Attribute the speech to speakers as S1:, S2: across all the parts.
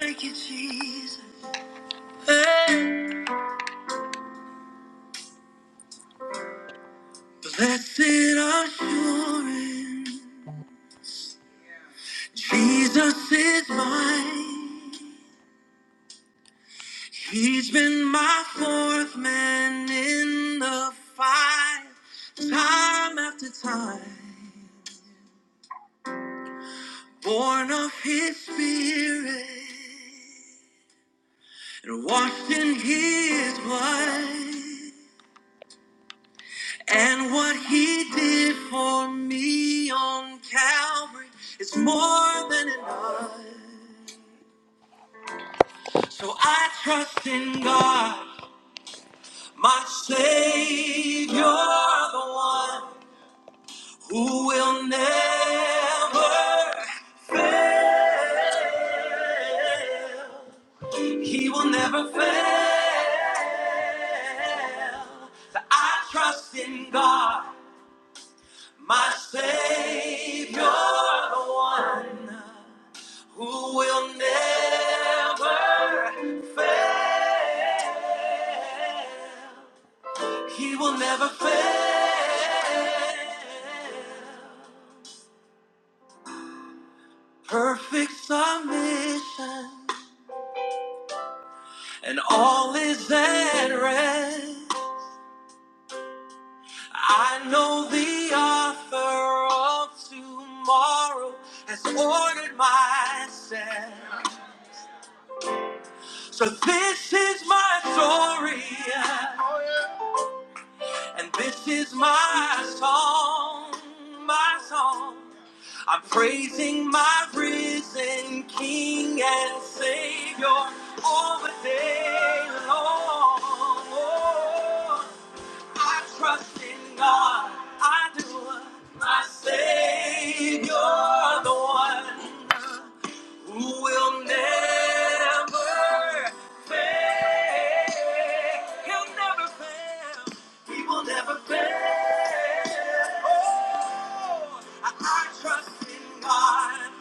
S1: Thank you, Jesus. Hey. Blessed assurance, Jesus is mine. He's been my fourth man in the fight, time after time. Born of His Spirit and washed in His blood, and what He did for me on Calvary is more than enough. So I trust in God, my Savior, the one who will never fail. He will never fail. So I trust in God, my Savior, the one who will never fail. He will never fail. Perfect submission, and all is at rest. I know the author of tomorrow has ordered my steps. So this is my story, yeah. and this is my song, my song. I'm praising my risen King and Savior all the day long. Oh, I trust in God, I do, my Savior, the one who will never fail. He'll never fail. He will never fail. Oh, I, I trust in God,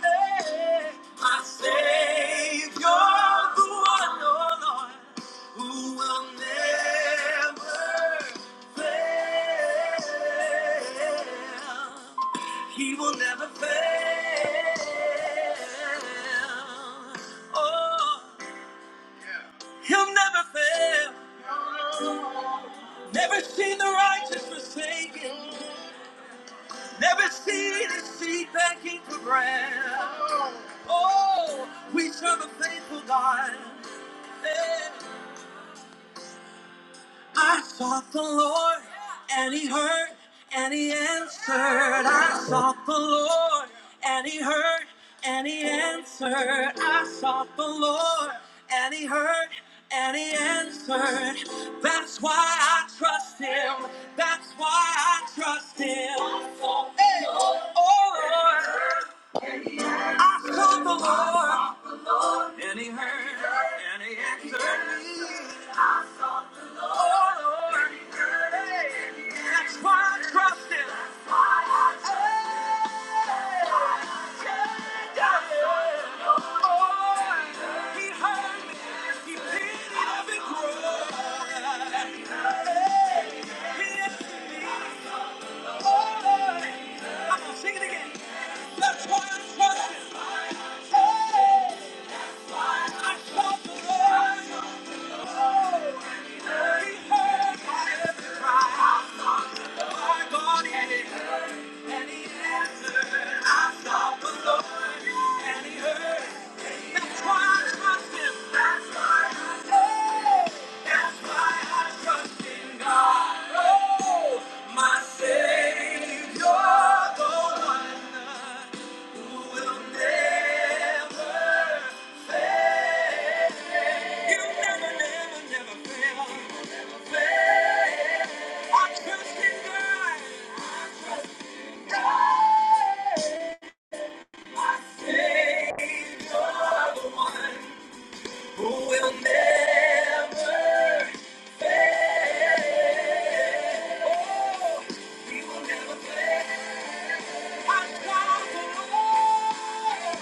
S1: eh, my Savior, the one, oh Lord, who will never fail. He will never fail. Oh, he'll never fail. Never seen the righteous forsaken. Never seen his seed begging for bread. Oh, we serve a faithful God. Yeah. I sought the Lord, and He heard, and He answered. I sought the Lord, and He heard, and He answered. I sought the Lord, and He heard, and He answered. That's why I trust Him. That's why I trust Him. Hey, oh Lord, I sought the Lord. And he heard and he answered me. I sought the Lord. Oh, Lord. And That's why I trust him. That's why I trust him. Hey, yeah. I Lord. Oh, he heard me. He pitied every cry. And he heard, answered me. Oh, Lord. I'm gonna sing it again. That's why I trust him. Hey. That's why you Savior, the one who will never fail. Oh, we will never fail. I sought the Lord.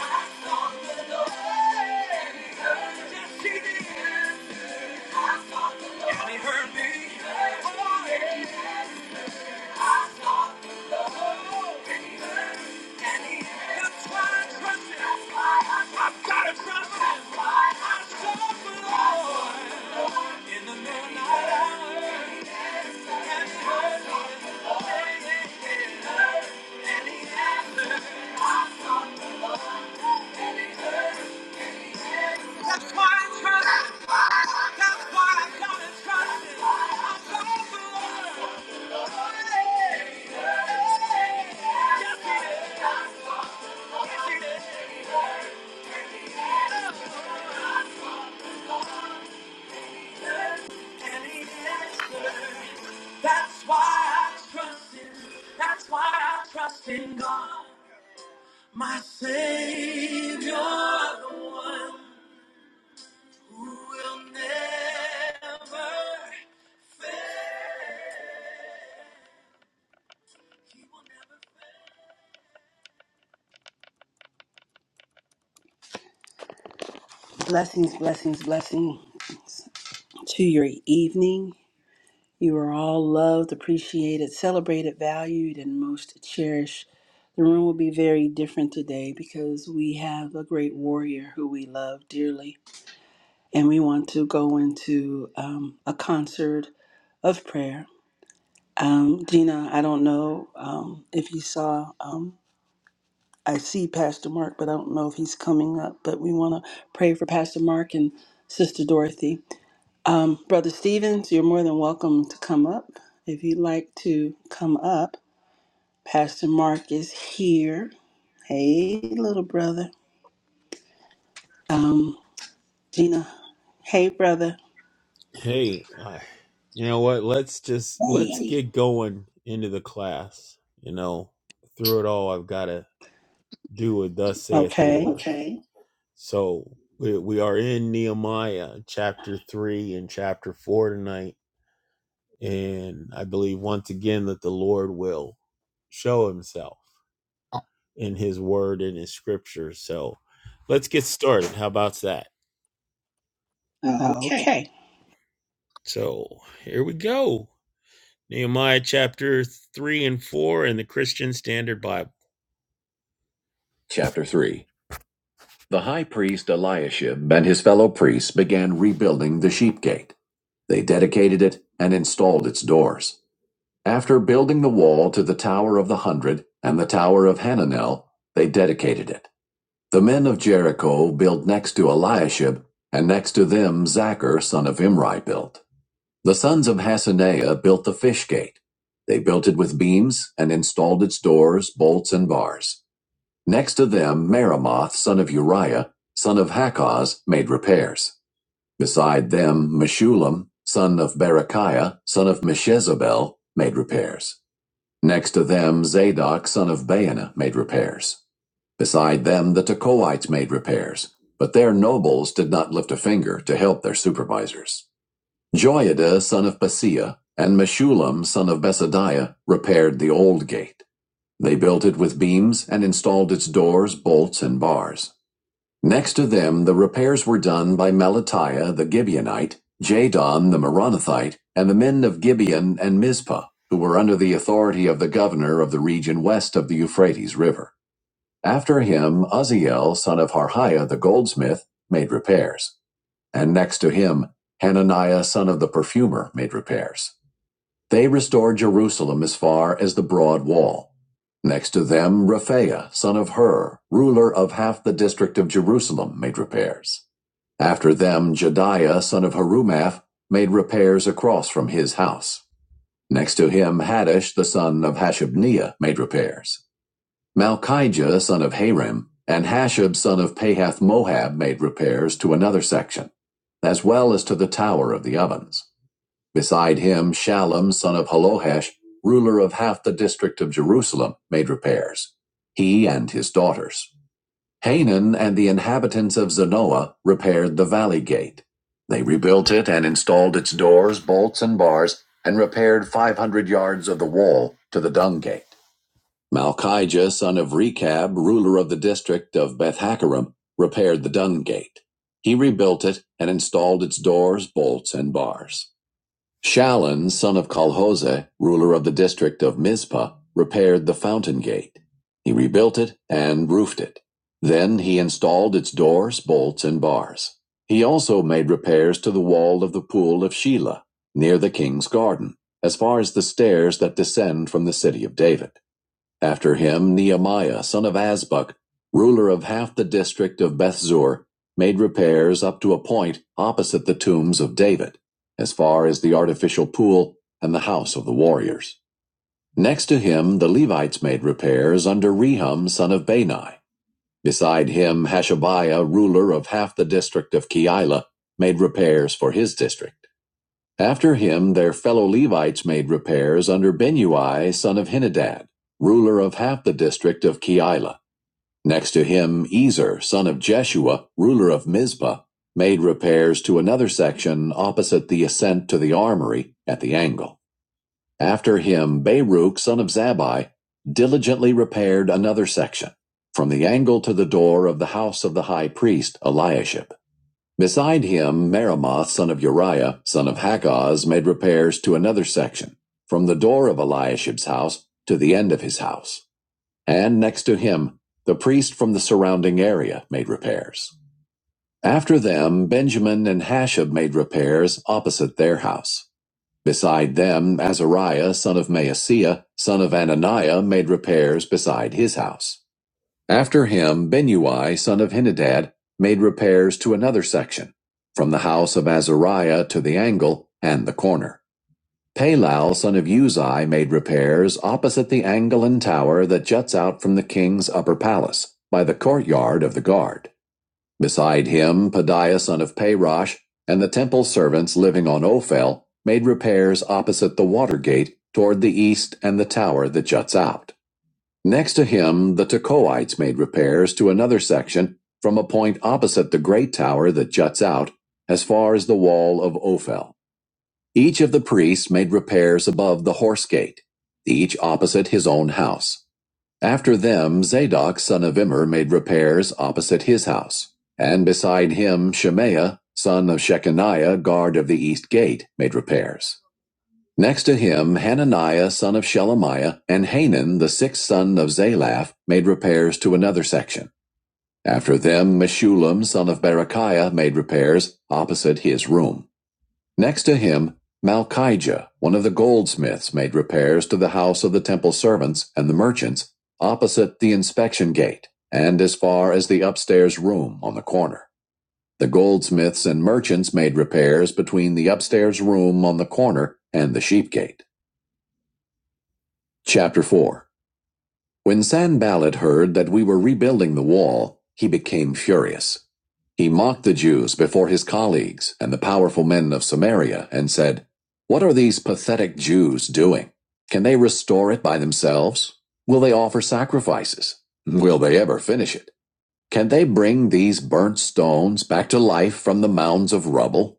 S1: I sought the Lord, and He heard. Yes, He did. I sought the Lord, and He heard me. Oh, yeah. That's why I trust. That's why I gotta trust it. I don't belong. Yes, it is. That's why I trust him. That's why I trust in God. My Savior, the one who will never fail. He will never fail. Blessings, blessings, blessings to your evening. You are all loved, appreciated, celebrated, valued, and most cherished. The room will be very different today because we have a great warrior who we love dearly, and we want to go into um, a concert of prayer. Um, Gina, I don't know um, if you saw, um, I see Pastor Mark, but I don't know if he's coming up, but we want to pray for Pastor Mark and Sister Dorothy. Um, Brother Stevens, you're more than welcome to come up. If you'd like to come up, Pastor Mark is here. Hey, little brother. Um, Gina, hey, brother.
S2: Hey, uh, you know what? Let's just let's
S1: Hey.
S2: get going into the class. You know, through it all, I've got to do what thus saith the Lord.
S1: Okay.
S2: So we, we are in Nehemiah chapter three and chapter four tonight, and I believe once again that the Lord will show Himself in His Word and His Scripture. So let's get started. How about that?
S1: Okay.
S2: So here we go. Nehemiah chapter three and four in the Christian Standard Bible. Chapter 3 The high priest Eliashib and his fellow priests began rebuilding the sheep gate. They dedicated it and installed its doors. After building the wall to the Tower of the Hundred and the Tower of Hananel, they dedicated it. The men of Jericho built next to Eliashib, and next to them Zachar son of Imri built. The sons of Hasaneah built the fish gate. They built it with beams and installed its doors, bolts, and bars. Next to them Meremoth son of Uriah, son of Hakaz, made repairs. Beside them Meshulam, son of Berechiah, son of Meshezabel, made repairs. Next to them Zadok son of Baana made repairs. Beside them the Tekoites made repairs, but their nobles did not lift a finger to help their supervisors. Joiada son of Paseah and Meshulam son of Besadiah repaired the old gate. They built it with beams and installed its doors, bolts, and bars. Next to them, the repairs were done by Melatiah the Gibeonite, Jadon the Meronothite, and the men of Gibeon and Mizpah, who were under the authority of the governor of the region west of the Euphrates River. After him, Uzziel, son of Harhiah the goldsmith, made repairs. And next to him, Hananiah, son of the perfumer, made repairs. They restored Jerusalem as far as the broad wall. Next to them, Raphaiah, son of Hur, ruler of half the district of Jerusalem, made repairs. After them, Jediah, son of Harumath, made repairs across from his house. Next to him, Haddish, the son of Hashabniah, made repairs. Malchijah, son of Harim, and Hashab, son of Pahath Moab, made repairs to another section, as well as to the tower of the ovens. Beside him, Shallum, son of Halohesh, ruler of half the district of Jerusalem, made repairs. He and his daughters. Hanan and the inhabitants of Zanoah repaired the valley gate. They rebuilt it and installed its doors, bolts, and bars, and repaired 500 yards of the wall to the dung gate. Malchijah, son of Rechab, ruler of the district of Beth Hakerem, repaired the dung gate. He rebuilt it and installed its doors, bolts, and bars. Shallun, son of Colhose, ruler of the district of Mizpah, repaired the fountain gate. He rebuilt it and roofed it. Then he installed its doors, bolts, and bars. He also made repairs to the wall of the pool of Shelah, near the king's garden, as far as the stairs that descend from the city of David. After him Nehemiah son of Azbuk, ruler of half the district of Bethzur, made repairs up to a point opposite the tombs of David, as far as the artificial pool and the house of the warriors. Next to him the Levites made repairs under Rehum son of Bani. Beside him Hashabiah, ruler of half the district of Keilah, made repairs for his district. After him their fellow Levites made repairs under Benui son of Henadad, ruler of half the district of Keilah. Next to him Ezer son of Jeshua, ruler of Mizpah, made repairs to another section opposite the ascent to the armory at the angle. After him Baruch son of Zabai diligently repaired another section, from the angle to the door of the house of the high priest Eliashib. Beside him, Meremoth, son of Uriah, son of Hakaz, made repairs to another section, from the door of Eliashib's house to the end of his house. And next to him, the priest from the surrounding area made repairs. After them, Benjamin and Hashab made repairs opposite their house. Beside them, Azariah, son of Maaseiah, son of Ananiah, made repairs beside his house. After him, Benui, son of Henadad, made repairs to another section, from the house of Azariah to the angle and the corner. Palal, son of Uzai, made repairs opposite the angle and tower that juts out from the king's upper palace, by the courtyard of the guard. Beside him, Padiah, son of Parosh, and the temple servants living on Ophel made repairs opposite the water gate toward the east and the tower that juts out. Next to him the Tekoites made repairs to another section from a point opposite the great tower that juts out as far as the wall of Ophel. Each of the priests made repairs above the horse gate, each opposite his own house. After them Zadok son of Immer made repairs opposite his house, and beside him Shemaiah son of Shechaniah guard of the east gate made repairs. Next to him Hananiah son of Shelemiah and Hanan the sixth son of Zalaph made repairs to another section. After them Meshulam son of Berechiah made repairs opposite his room. Next to him Malchijah, one of the goldsmiths, made repairs to the house of the temple servants and the merchants opposite the inspection gate and as far as the upstairs room on the corner. The goldsmiths and merchants made repairs between the upstairs room on the corner and the sheep gate. Chapter 4 When Sanballat heard that we were rebuilding the wall, he became furious. He mocked the Jews before his colleagues and the powerful men of Samaria and said, What are these pathetic Jews doing? Can they restore it by themselves? Will they offer sacrifices? Will they ever finish it? Can they bring these burnt stones back to life from the mounds of rubble?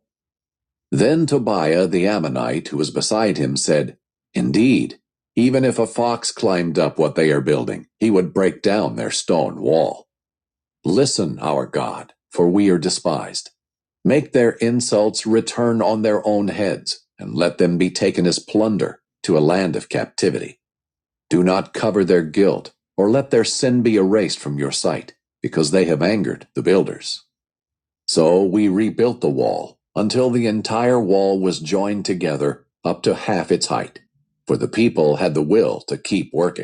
S2: Then Tobiah the Ammonite, who was beside him, said, Indeed, even if a fox climbed up what they are building, he would break down their stone wall. Listen, our God, for we are despised. Make their insults return on their own heads, and let them be taken as plunder to a land of captivity. Do not cover their guilt, or let their sin be erased from your sight, because they have angered the builders. So we rebuilt the wall until the entire wall was joined together up to half its height, for the people had the will to keep working.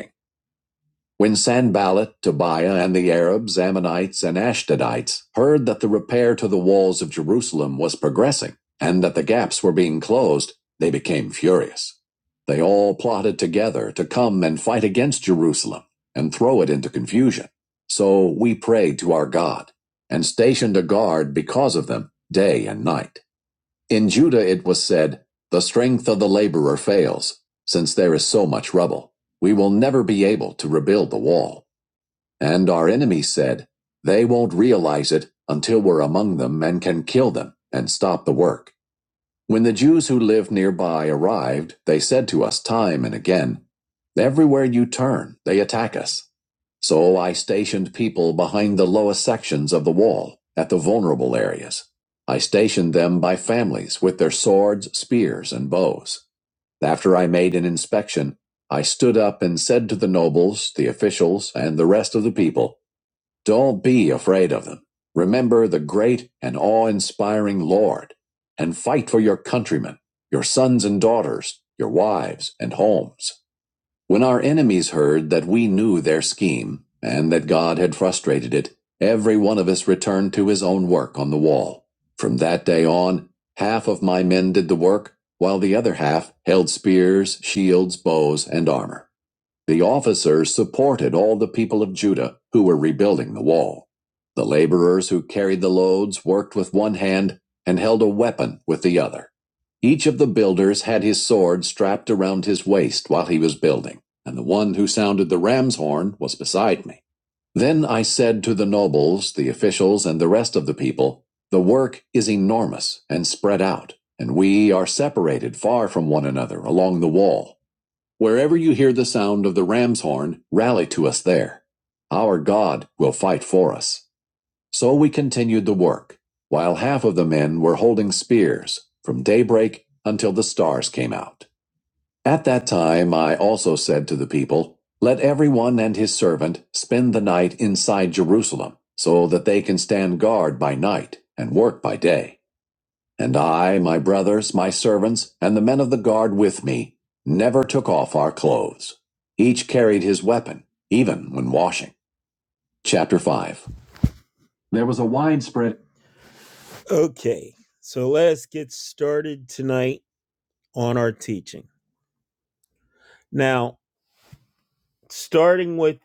S2: When Sanballat, Tobiah, and the Arabs, Ammonites, and Ashdodites heard that the repair to the walls of Jerusalem was progressing and that the gaps were being closed, they became furious. They all plotted together to come and fight against Jerusalem and throw it into confusion. So we prayed to our God and stationed a guard because of them day and night. In Judah it was said, The strength of the laborer fails, since there is so much rubble. We will never be able to rebuild the wall. And our enemies said, They won't realize it until we're among them and can kill them and stop the work. When the Jews who lived nearby arrived, they said to us time and again, Everywhere you turn, they attack us. So I stationed people behind the lowest sections of the wall, at the vulnerable areas. I stationed them by families with their swords, spears, and bows. After I made an inspection, I stood up and said to the nobles, the officials, and the rest of the people, don't be afraid of them. Remember the great and awe inspiring Lord, and fight for your countrymen, your sons and daughters, your wives and homes. When our enemies heard that we knew their scheme, and that God had frustrated it, every one of us returned to his own work on the wall. From that day on, half of my men did the work, while the other half held spears, shields, bows, and armor. The officers supported all the people of Judah who were rebuilding the wall. The laborers who carried the loads worked with one hand and held a weapon with the other. Each of the builders had his sword strapped around his waist while he was building, and the one who sounded the ram's horn was beside me. Then I said to the nobles, the officials, and the rest of the people, The work is enormous and spread out, and we are separated far from one another along the wall. Wherever you hear the sound of the ram's horn, rally to us there. Our God will fight for us. So we continued the work, while half of the men were holding spears from daybreak until the stars came out. At that time, I also said to the people, Let everyone and his servant spend the night inside Jerusalem, so that they can stand guard by night and work by day. And I, my brothers, my servants, and the men of the guard with me, never took off our clothes. Each carried his weapon, even when washing. Chapter 5. There was a widespread. Okay, so let's get started tonight on our teaching. Now, starting with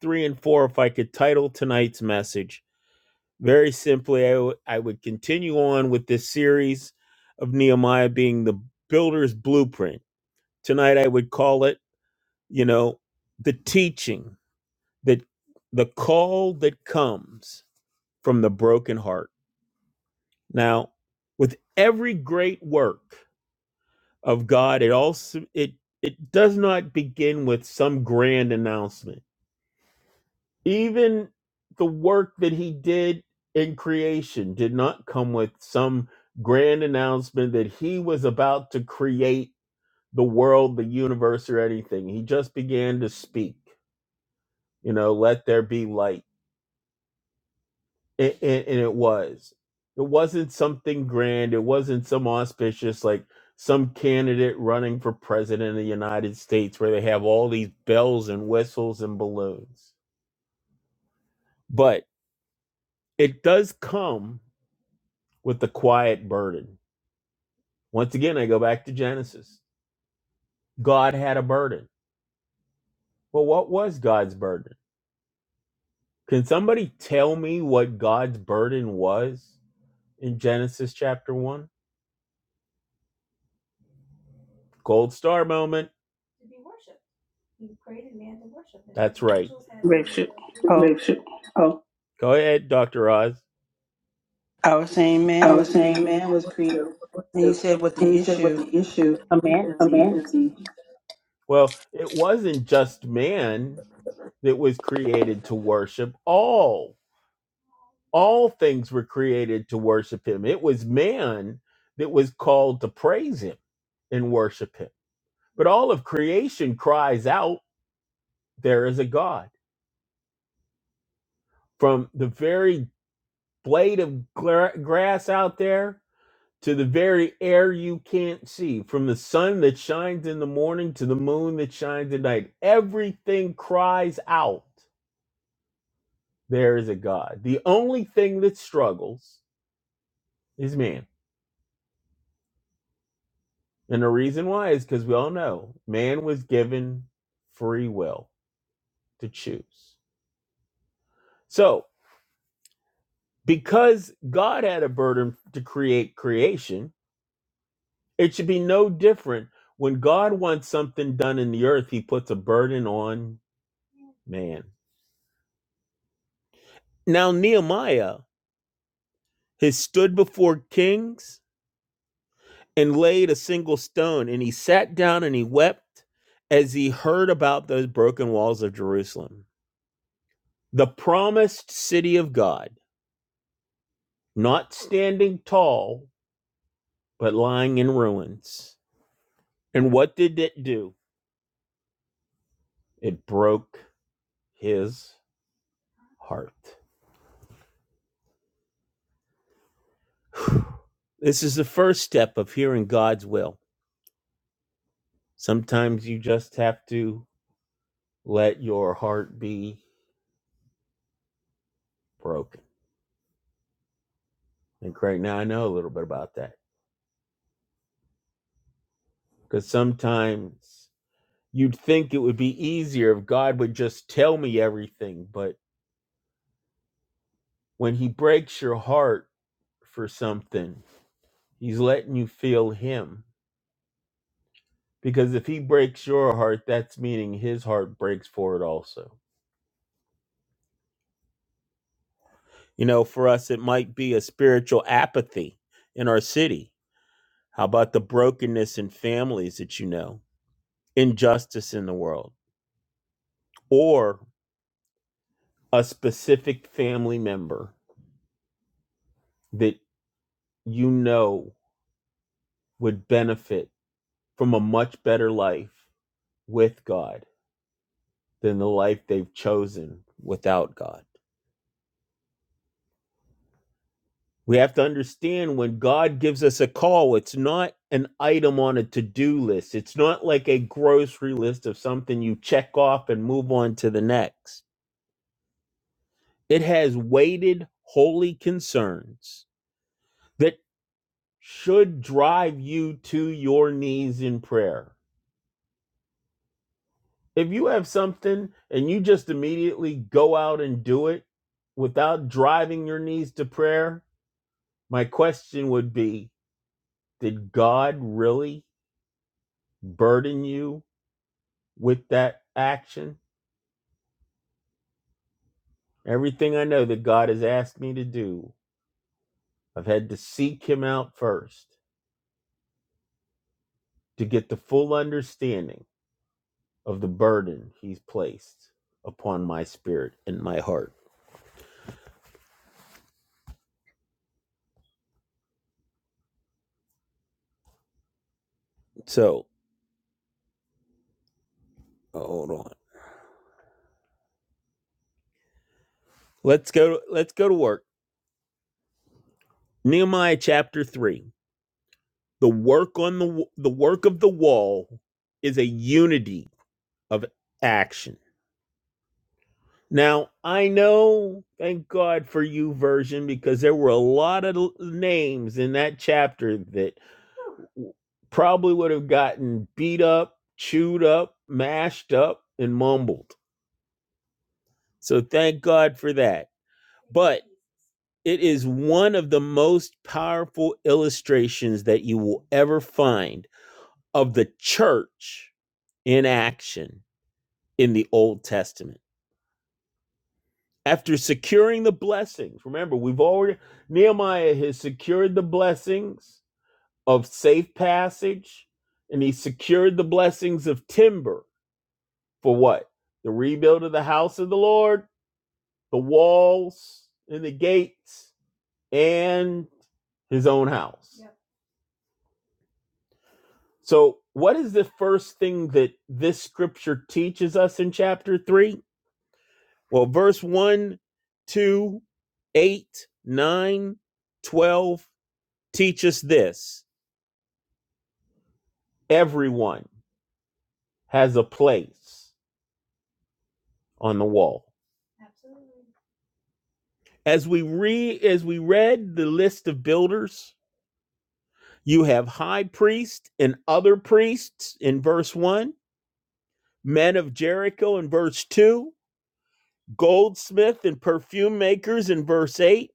S2: three and four, if I could title tonight's message, very simply, I would would continue on with this series of Nehemiah being the builder's blueprint. Tonight, I would call it you know, the teaching that the call that comes from the broken heart. Now, with every great work of God, it also it it does not begin with some grand announcement. Even the work that he did in creation did not come with some grand announcement that he was about to create the world, the universe, or anything. He just began to speak, you know, let there be light it, and, and it was it wasn't something grand it wasn't some auspicious like some candidate running for president of the united states where they have all these bells and whistles and balloons but it does come with the quiet burden once again i go back to genesis god had a burden well what was god's burden can somebody tell me what god's burden was in genesis chapter 1 gold star moment
S1: Richard. Oh,
S2: go ahead dr oz
S1: our same man was created. And you said what the issue of humanity.
S2: Well, it wasn't just man that was created to worship. All all things were created to worship him. It was man that was called to praise him and worship him. But all of creation cries out, there is a God. From the very blade of gra- grass out there to the very air you can't see, from the sun that shines in the morning to the moon that shines at night, everything cries out there is a God. The only thing that struggles is man. And the reason why is because we all know man was given free will to choose. So, because God had a burden to create creation, it should be no different. When God wants something done in the earth, he puts a burden on man. Now, Nehemiah has stood before kings and laid a single stone. And he sat down and he wept as he heard about those broken walls of Jerusalem. The promised city of God, not standing tall, but lying in ruins. And what did it do? It broke his heart. This is the first step of hearing God's will. Sometimes you just have to let your heart be broken. And right now I know a little bit about that because sometimes You'd think it would be easier if God would just tell me everything, but when He breaks your heart for something, He's letting you feel Him. Because if He breaks your heart, that's meaning His heart breaks for it also. You know, for us, it might be a spiritual apathy in our city. How about the brokenness in families that you know, injustice in the world, or a specific family member that you know would benefit? from a much better life with God than the life they've chosen without God. We have to understand when God gives us a call, it's not an item on a to do list. It's not like a grocery list of something you check off and move on to the next. It has weighted, holy concerns that should drive you to your knees in prayer. if you have something and you just immediately go out and do it without driving your knees to prayer, my question would be Did God really burden you with that action? Everything I know that God has asked me to do, I've had to seek Him out first to get the full understanding of the burden He's placed upon my spirit and my heart. So, oh, hold on. Let's go let's go to work. Nehemiah chapter 3. The work on the the work of the wall is a unity of action. Now, I know, thank God for you version because there were a lot of names in that chapter that probably would have gotten beat up, chewed up, mashed up, and mumbled. So thank God for that. It is one of the most powerful illustrations that you will ever find of the church in action in the Old Testament. After securing the blessings, remember, we've already, Nehemiah has secured the blessings of safe passage, and he secured the blessings of timber for what? The rebuild of the house of the Lord, the walls and the gates, and his own house. So, what is the first thing that this scripture teaches us in chapter 3? Well, verse one, two, eight, nine, twelve, 2, teach us this everyone has a place on the wall. As we read as we read the list of builders, you have high priest and other priests in verse 1, men of Jericho in verse 2, goldsmith and perfume makers in verse 8,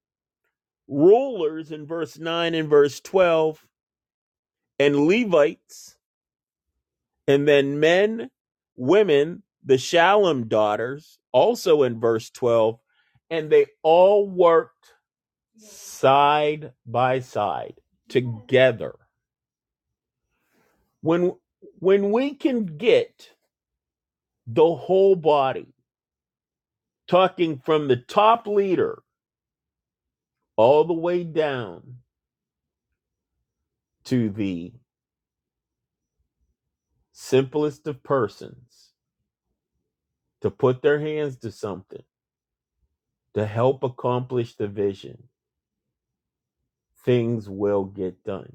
S2: rulers in verse 9 and verse 12, and Levites And then men, women, the Shallum daughters, also in verse 12, and they all worked side by side together. When when we can get the whole body talking from the top leader all the way down to the simplest of persons to put their hands to something to help accomplish the vision, things will get done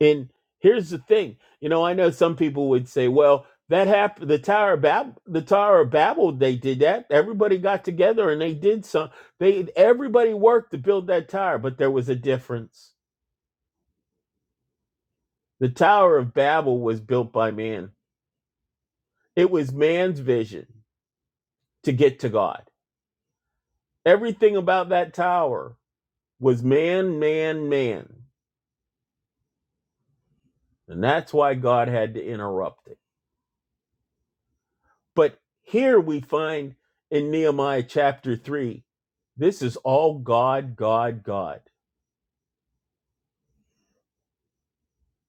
S2: And here's the thing, you know, I know some people would say, well, that happened the Tower of Bab the Tower of Babel, they did that. Everybody got together and they did some they everybody worked to build that tower, but there was a difference. The Tower of Babel was built by man. It was man's vision to get to God. Everything about that tower was man, man, man. And that's why God had to interrupt it But here we find in Nehemiah chapter 3, this is all God, God, God.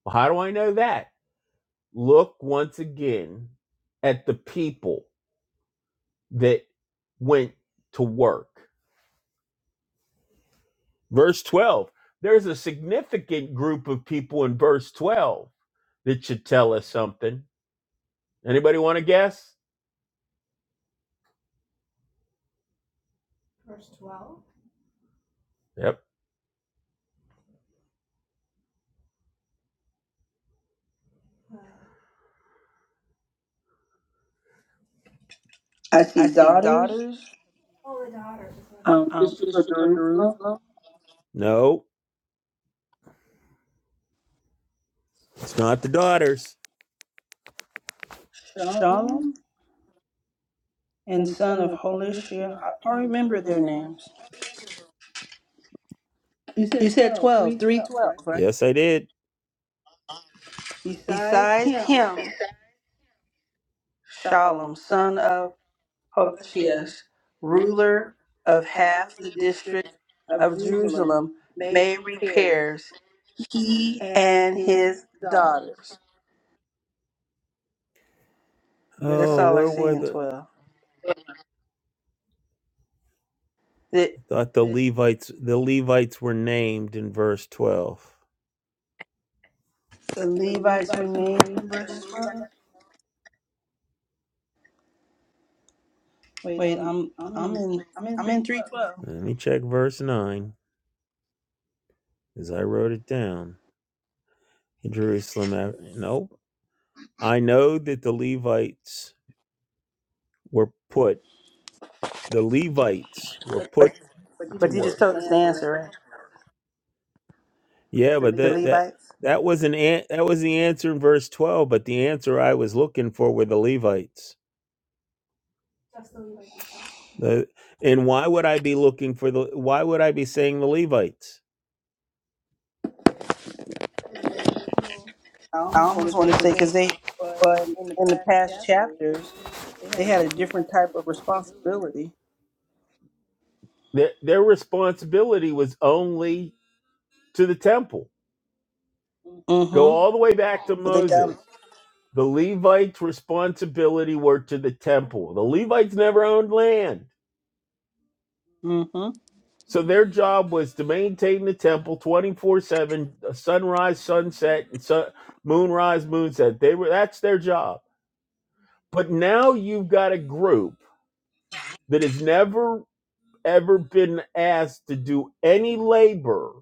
S2: Well, how do I know that? Look once again at the people that went to work. Verse 12, there's a significant group of people in verse 12 that should tell us something. Anybody want to guess? Yep.
S1: I see daughters, um, District of Jerusalem,
S2: No, it's not the daughters.
S1: Shalom, and son of Holisha. I I don't remember their names. You said twelve, three, twelve, right?
S2: Yes, I did.
S1: Besides him, Shalom, son of Horeshias, ruler of half the district of Jerusalem, made repairs, he and his daughters. That's all I see in 12. The,
S2: Thought Levites, the Levites were named in verse 12.
S1: the Levites remained in verse 12. Wait, I'm I'm in I'm in 312.
S2: Let me check verse 9 as I wrote it down. In Jerusalem, a- nope. I know that the Levites were put, the Levites were put.
S1: But but you just told us the answer, right? The
S2: That,
S1: Levites.
S2: that, was an, an- that was the answer in verse 12, but the answer I was looking for were the Levites. The, and why would I be looking for the, why would I be saying the Levites?
S1: I almost want to say because they, but in the past chapters. They had a different type of responsibility.
S2: Their, their responsibility was only to the temple Go
S1: Mm-hmm.
S2: all the way back to
S1: But they
S2: Moses.
S1: got
S2: The Levites' responsibility were to the temple. The Levites never owned land.
S1: mm-hmm.
S2: So their job was to maintain the temple 24 7, uh, sunrise, sunset, and sun, moonrise, moonset. They were That's their job. But now you've got a group that has never, ever been asked to do any labor,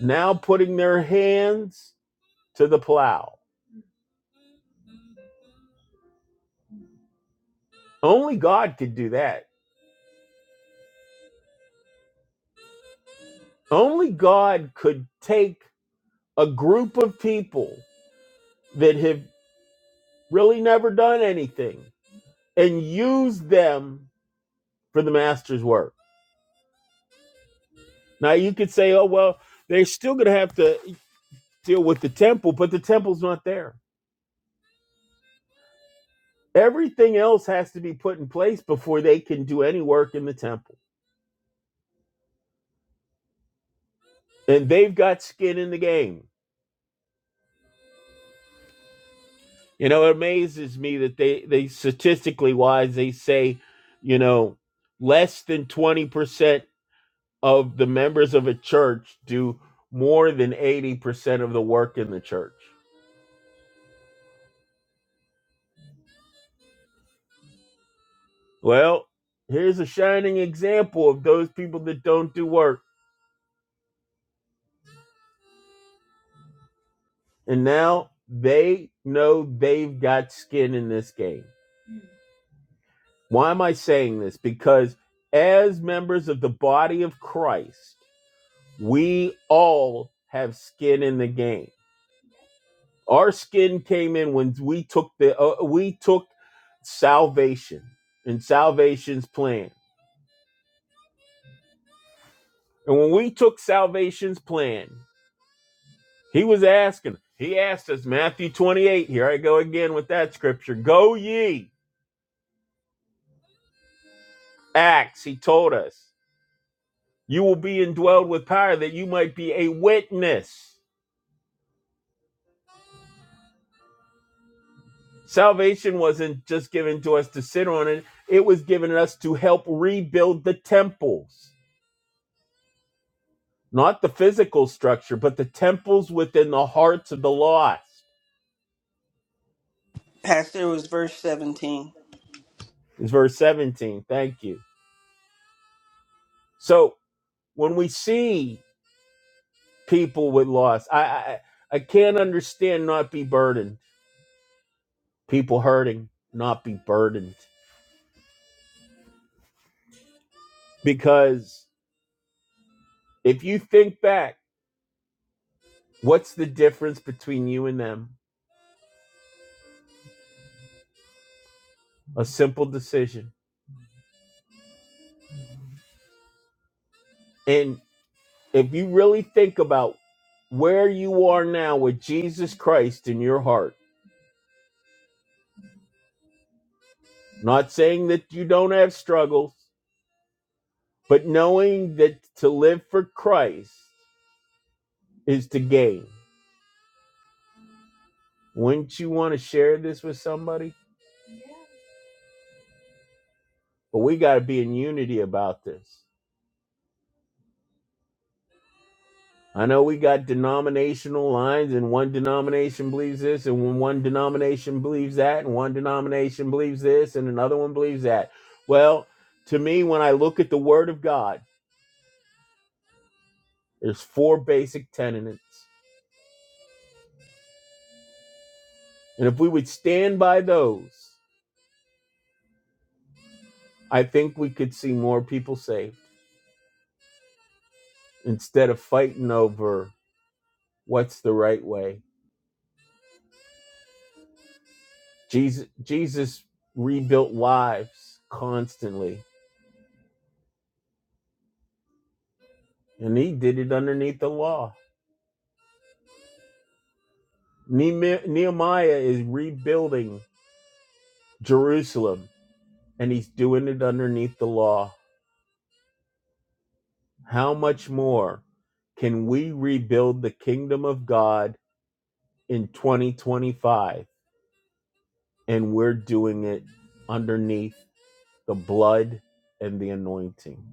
S2: now putting their hands to the plow. Only God could do that. Only God could take a group of people that have really never done anything and use them for the master's work. Now you could say, oh well, they're still going to have to deal with the temple, but the temple's not there. Everything else has to be put in place before they can do any work in the temple. And they've got skin in the game. You know, it amazes me that they they statistically wise they say, you know, less than 20% of the members of a church do more than 80% of the work in the church. Well, here's a shining example of those people that don't do work. And now they know they've got skin in this game. Why am I saying this? Because as members of the body of Christ, we all have skin in the game. Our skin came in when we took the uh, we took salvation and salvation's plan. And when we took salvation's plan, he was asking, he asked us, Matthew 28, here I go again with that scripture, go ye. Acts, he told us, you will be indwelled with power that you might be a witness. Salvation wasn't just given to us to sit on it, it was given us to help rebuild the temples, not the physical structure, but the temples within the hearts of the lost.
S1: Pastor was verse seventeen.
S2: Is verse 17. Thank you. So when we see people with loss. I, I I can't understand not be burdened. People hurting, not be burdened. Because if you think back, what's the difference between you and them? A simple decision. And if you really think about where you are now with Jesus Christ in your heart, not saying that you don't have struggles, but knowing that to live for Christ is to gain. Wouldn't you want to share this with somebody? but we got to be in unity about this. I know we got denominational lines, and one denomination believes this, and when one denomination believes that, and one denomination believes this, and another one believes that. Well, to me, when I look at the Word of God, there's four basic tenets, and if we would stand by those, I think we could see more people saved instead of fighting over what's the right way. Jesus, Jesus rebuilt lives constantly And he did it underneath the law. Nehemiah is rebuilding Jerusalem and he's doing it underneath the law. How much more can we rebuild the kingdom of God in 2025? And we're doing it underneath the blood and the anointing.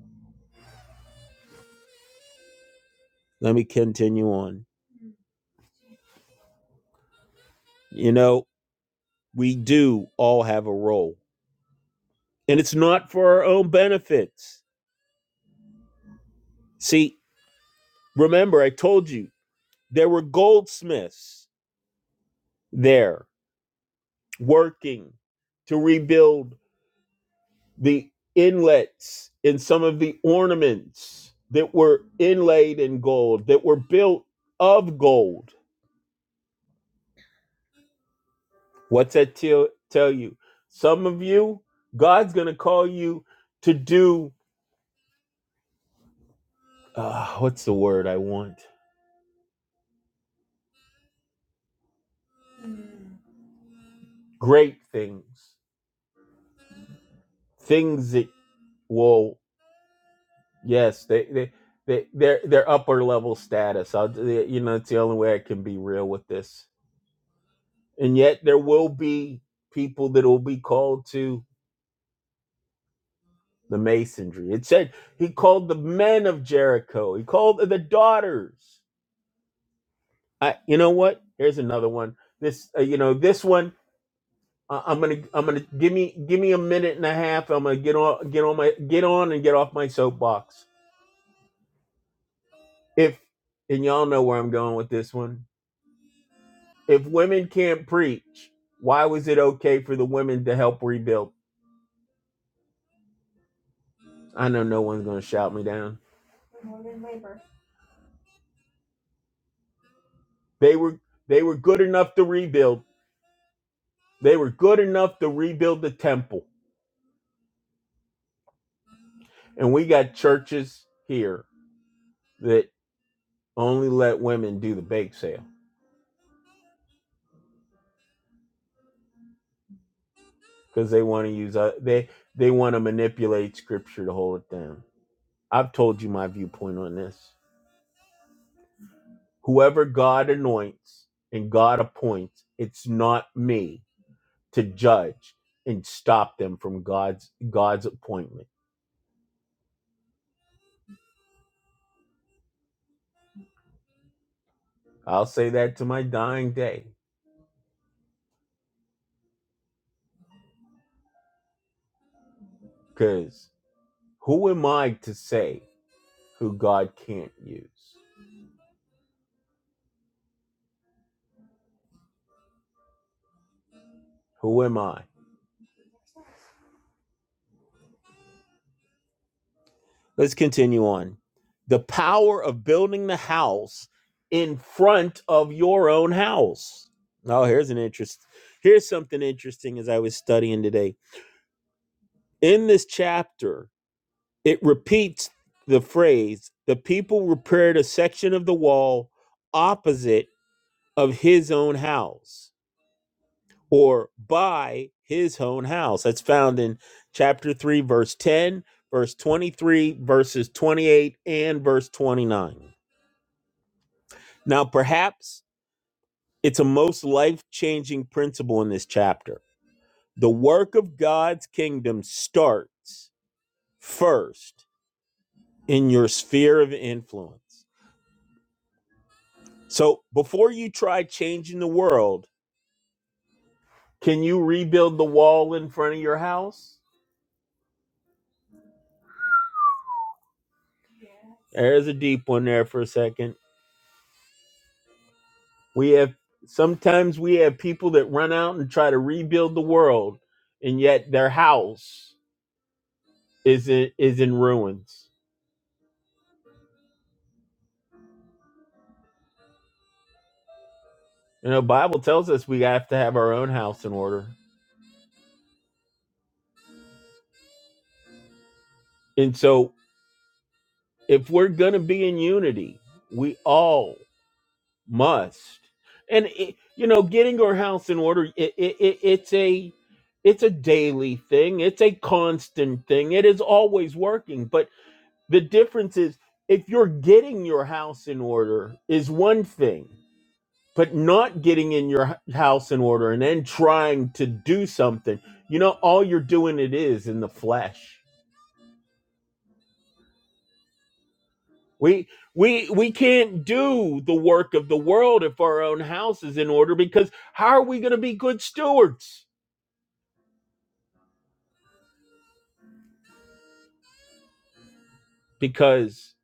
S2: Let me continue on. You know, we do all have a role, and it's not for our own benefits. See, remember, I told you There were goldsmiths there working to rebuild the inlets in some of the ornaments that were inlaid in gold, that were built of gold. What's that tell, tell you? Some of you, God's going to call you to do, uh, what's the word I want? Great things. Things that will Yes, they they they they're they're upper level status. I'll, they- you know, it's the only way I can be real with this. And yet, there will be people that will be called to the masonry. It said he called the men of Jericho. He called the daughters. I, you know what? Here's another one. This, uh, you know, this one. Uh, I'm gonna I'm gonna give me give me a minute and a half. I'm gonna get on get on my get on and get off my soapbox. If and y'all know where I'm going with this one If women can't preach, why was it okay for the women to help rebuild? I know no one's going to shout me down. They were they were good enough to rebuild. They were good enough to rebuild the temple. And we got churches here that only let women do the bake sale because they want to use uh, they they want to manipulate scripture to hold it down. I've told you my viewpoint on this. Whoever God anoints and God appoints, it's not me to judge and stop them from God's God's appointment. I'll say that to my dying day cuz who am I to say who God can't use? Who am I? Let's continue on. The power of building the house in front of your own house. Now oh, here's an interest here's something interesting as I was studying today. In this chapter, It repeats the phrase the people repaired a section of the wall opposite of his own house or by his own house. That's found in chapter 3, verse 10, verse 23, verses 28, and verse 29. Now, perhaps it's a most life changing principle in this chapter. The work of God's kingdom starts first in your sphere of influence. So before you try changing the world, can you rebuild the wall in front of your house? There's a deep one there for a second. We have sometimes we have people that run out and try to rebuild the world, and yet their house is in, is in ruins. You know, Bible tells us we have to have our own house in order. And so if we're going to be in unity, we all must and it, you know getting your house in order it, it, it, it's a it's a daily thing it's a constant thing it is always working but the difference is if you're getting your house in order is one thing but not getting in your h- house in order and then trying to do something you know all you're doing it is in the flesh We we we can't do the work of the world if our own house is in order because how are we going to be good stewards? Because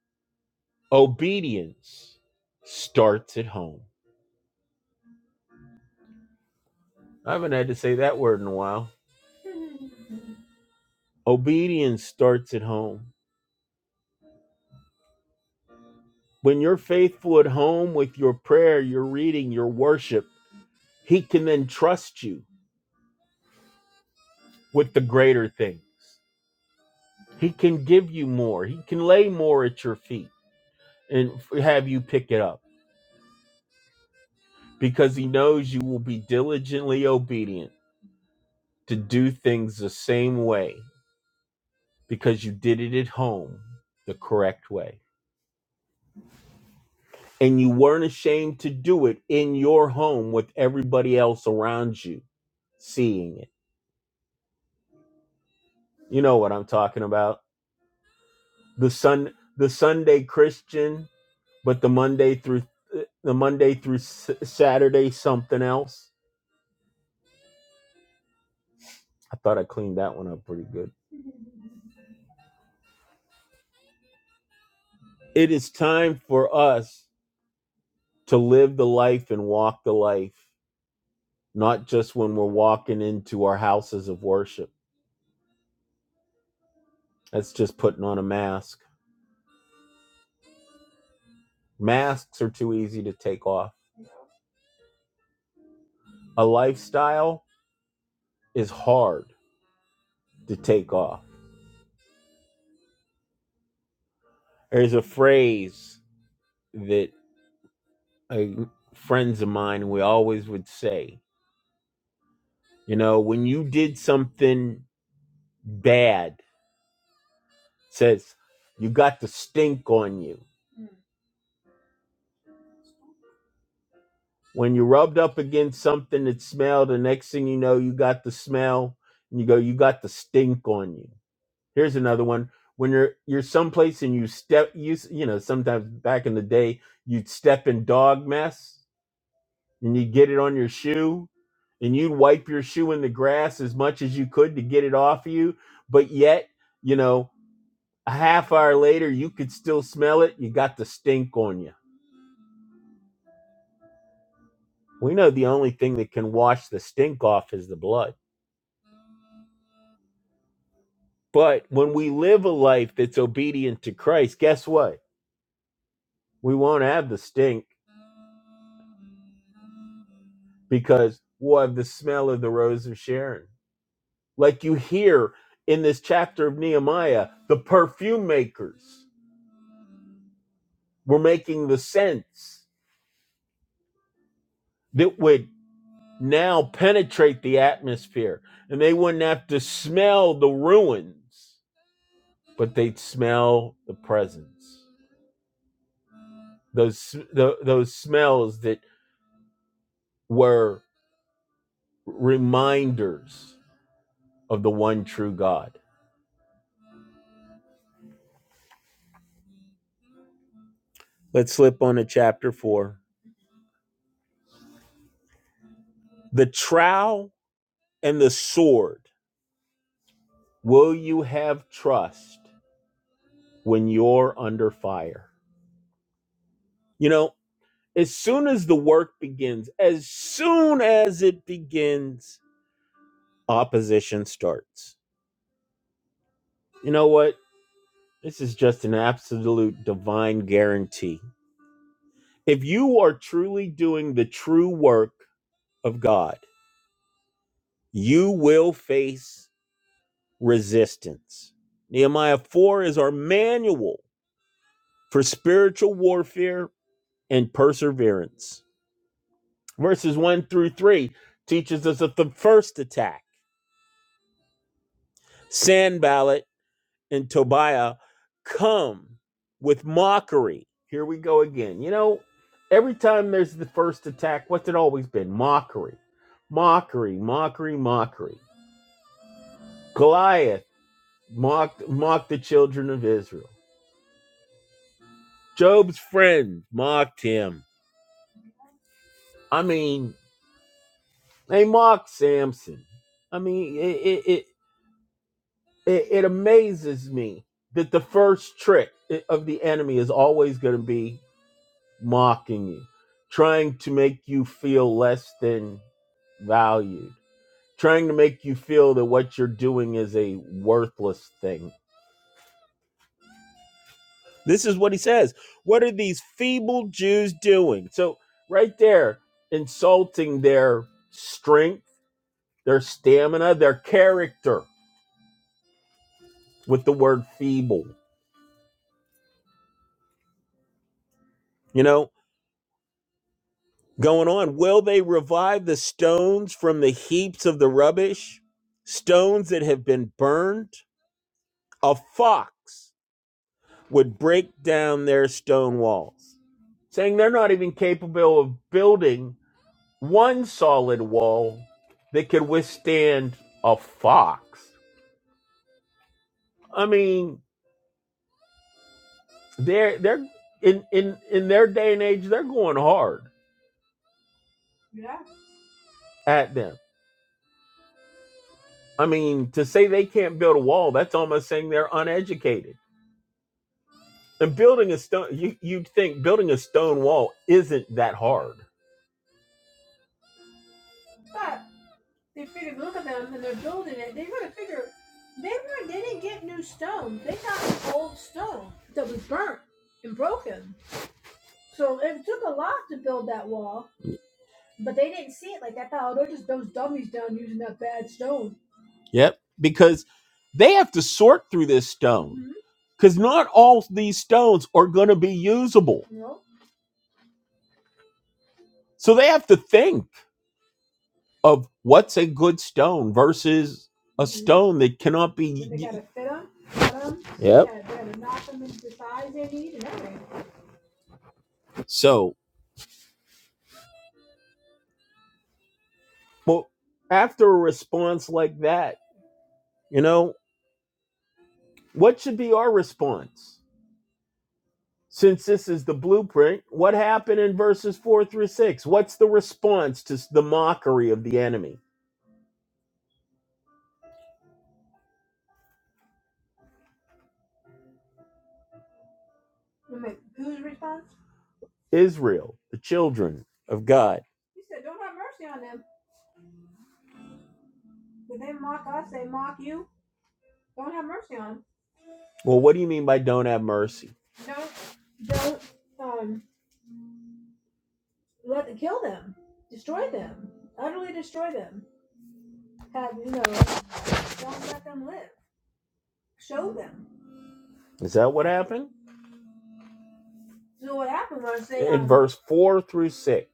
S2: obedience starts at home. I haven't had to say that word in a while. Obedience starts at home. When you're faithful at home with your prayer, your reading, your worship, he can then trust you with the greater things. He can give you more. He can lay more at your feet and f- have you pick it up because he knows you will be diligently obedient to do things the same way because you did it at home the correct way. And you weren't ashamed to do it in your home with everybody else around you seeing it. You know what I'm talking about. The sun the Sunday Christian, but the Monday through the Monday through S- Saturday something else. I thought I cleaned that one up pretty good. It is time for us to live the life and walk the life, not just when we're walking into our houses of worship. That's just putting on a mask. Masks are too easy to take off. A lifestyle is hard to take off. There's a phrase that uh, friends of mine we always would say, you know, when you did something bad, it says you got the stink on you When you rubbed up against something that smelled, the next thing you know, you got the smell and you go, you got the stink on you. Here's another one. When you're you're someplace and you step you s- you know, sometimes back in the day, you'd step in dog mess and you get it on your shoe and you'd wipe your shoe in the grass as much as you could to get it off you, but yet, you know, a half hour later you could still smell it, you got the stink on you. We know the only thing that can wash the stink off is the blood. But when we live a life that's obedient to Christ, guess what? We won't have the stink because we'll have the smell of the rose of Sharon. Like you hear in this chapter of Nehemiah, the perfume makers were making the scents that would now penetrate the atmosphere. And they wouldn't have to smell the ruins, but they'd smell the presence. Those, the, those smells that were reminders of the one true God. Let's slip on to chapter 4. The trowel and the sword. Will you have trust when you're under fire? You know, as soon as the work begins, as soon as it begins, opposition starts. You know what? This is just an absolute divine guarantee. If you are truly doing the true work of God, you will face resistance. Nehemiah 4 is our manual for spiritual warfare and perseverance. Verses 1 through 3 teaches us that the first attack. Sanballat and Tobiah come with mockery. Here we go again. You know, every time there's the first attack, what's it always been? Mockery. Mockery, mockery, mockery. Goliath mocked, mocked the children of Israel. Job's friends mocked him. I mean, they mock Samson. I mean, it it it, it, amazes me that the first trick of the enemy is always going to be mocking you, trying to make you feel less than valued, trying to make you feel that what you're doing is a worthless thing. This is what he says. What are these feeble Jews doing? So, right there, insulting their strength, their stamina, their character with the word feeble. You know, going on, will they revive the stones from the heaps of the rubbish? Stones that have been burned? A fox would break down their stone walls, saying they're not even capable of building one solid wall that could withstand a fox. I mean, they're they're in in in their day and age, they're going hard at them I mean, to say they can't build a wall, that's almost saying they're uneducated. And building a stone, you, you'd think building a stone wall isn't that hard. Yep. Because they have to sort through this stone because not all these stones are going to be usable. So they have to think of what's a good stone versus stone that cannot be. used. So, well, after a response like that, you know, what should be our response? Since this is the blueprint, what happened in verses 4 through 6? What's the response to the mockery of the enemy? Israel, the children of God. Well, what do you mean by don't have mercy? Is that what happened? Verse 4 through 6.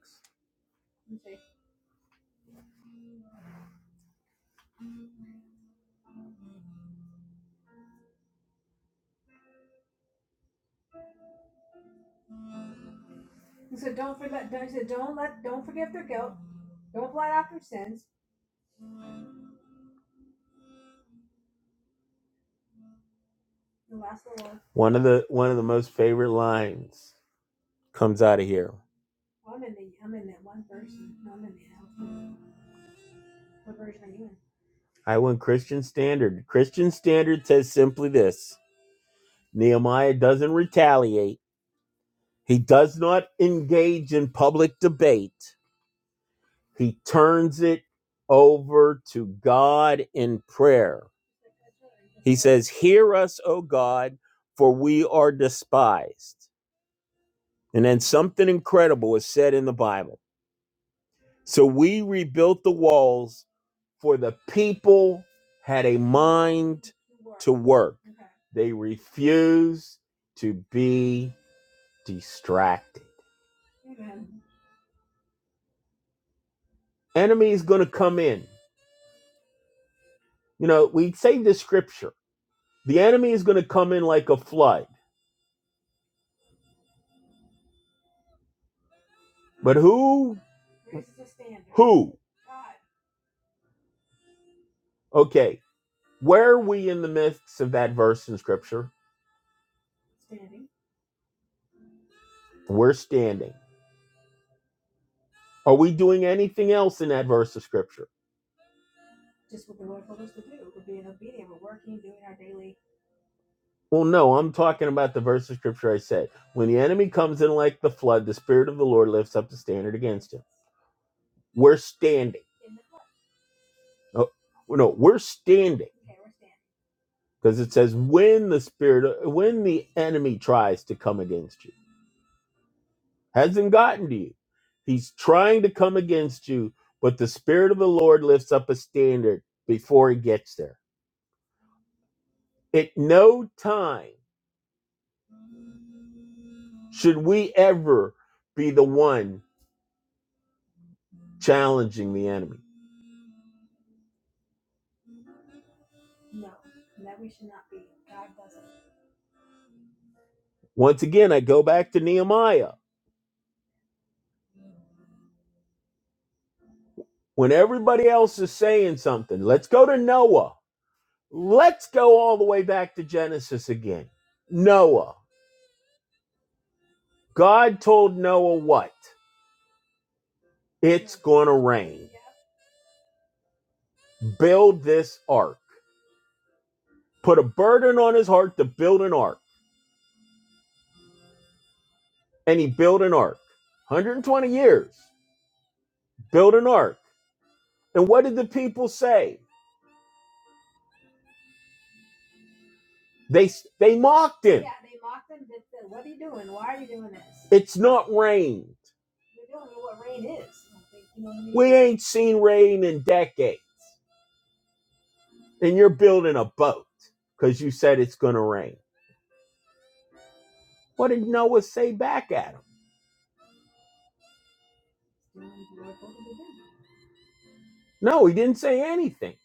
S2: One of the one of the most favorite lines comes out of here. I went Christian Standard. Christian Standard says simply this. Nehemiah doesn't retaliate. He does not engage in public debate. He turns it over to God in prayer. He says, Hear us, O God, for we are despised. And then something incredible is said in the Bible. So we rebuilt the walls, for the people had a mind to work. They refused to be distracted. Enemy is going to come in. You know, we say this scripture the enemy is going to come in like a flood. But who? who Okay, where are we in the midst of that verse in Scripture? We're standing. Are we doing anything else in that verse of Scripture? Well, no, I'm talking about the verse of Scripture I said. When the enemy comes in like the flood, the Spirit of the Lord lifts up the standard against him. We're standing. No, no we're standing because it says when the Spirit, when the enemy tries to come against you, hasn't gotten to you. He's trying to come against you, but the Spirit of the Lord lifts up a standard before he gets there At no time should we ever be the one challenging the enemy. Once again, I go back to Nehemiah. When everybody else is saying something, let's go to Noah. Let's go all the way back to Genesis again. Noah. God told Noah what? It's going to rain. Build this ark. Put a burden on his heart to build an ark. And he built an ark. 120 years. Built an ark. And what did the people say? They they mocked it. It's not rain. Ain't seen rain in decades. And you're building a boat because you said it's going to rain. What did Noah say back at him? No, he didn't say anything.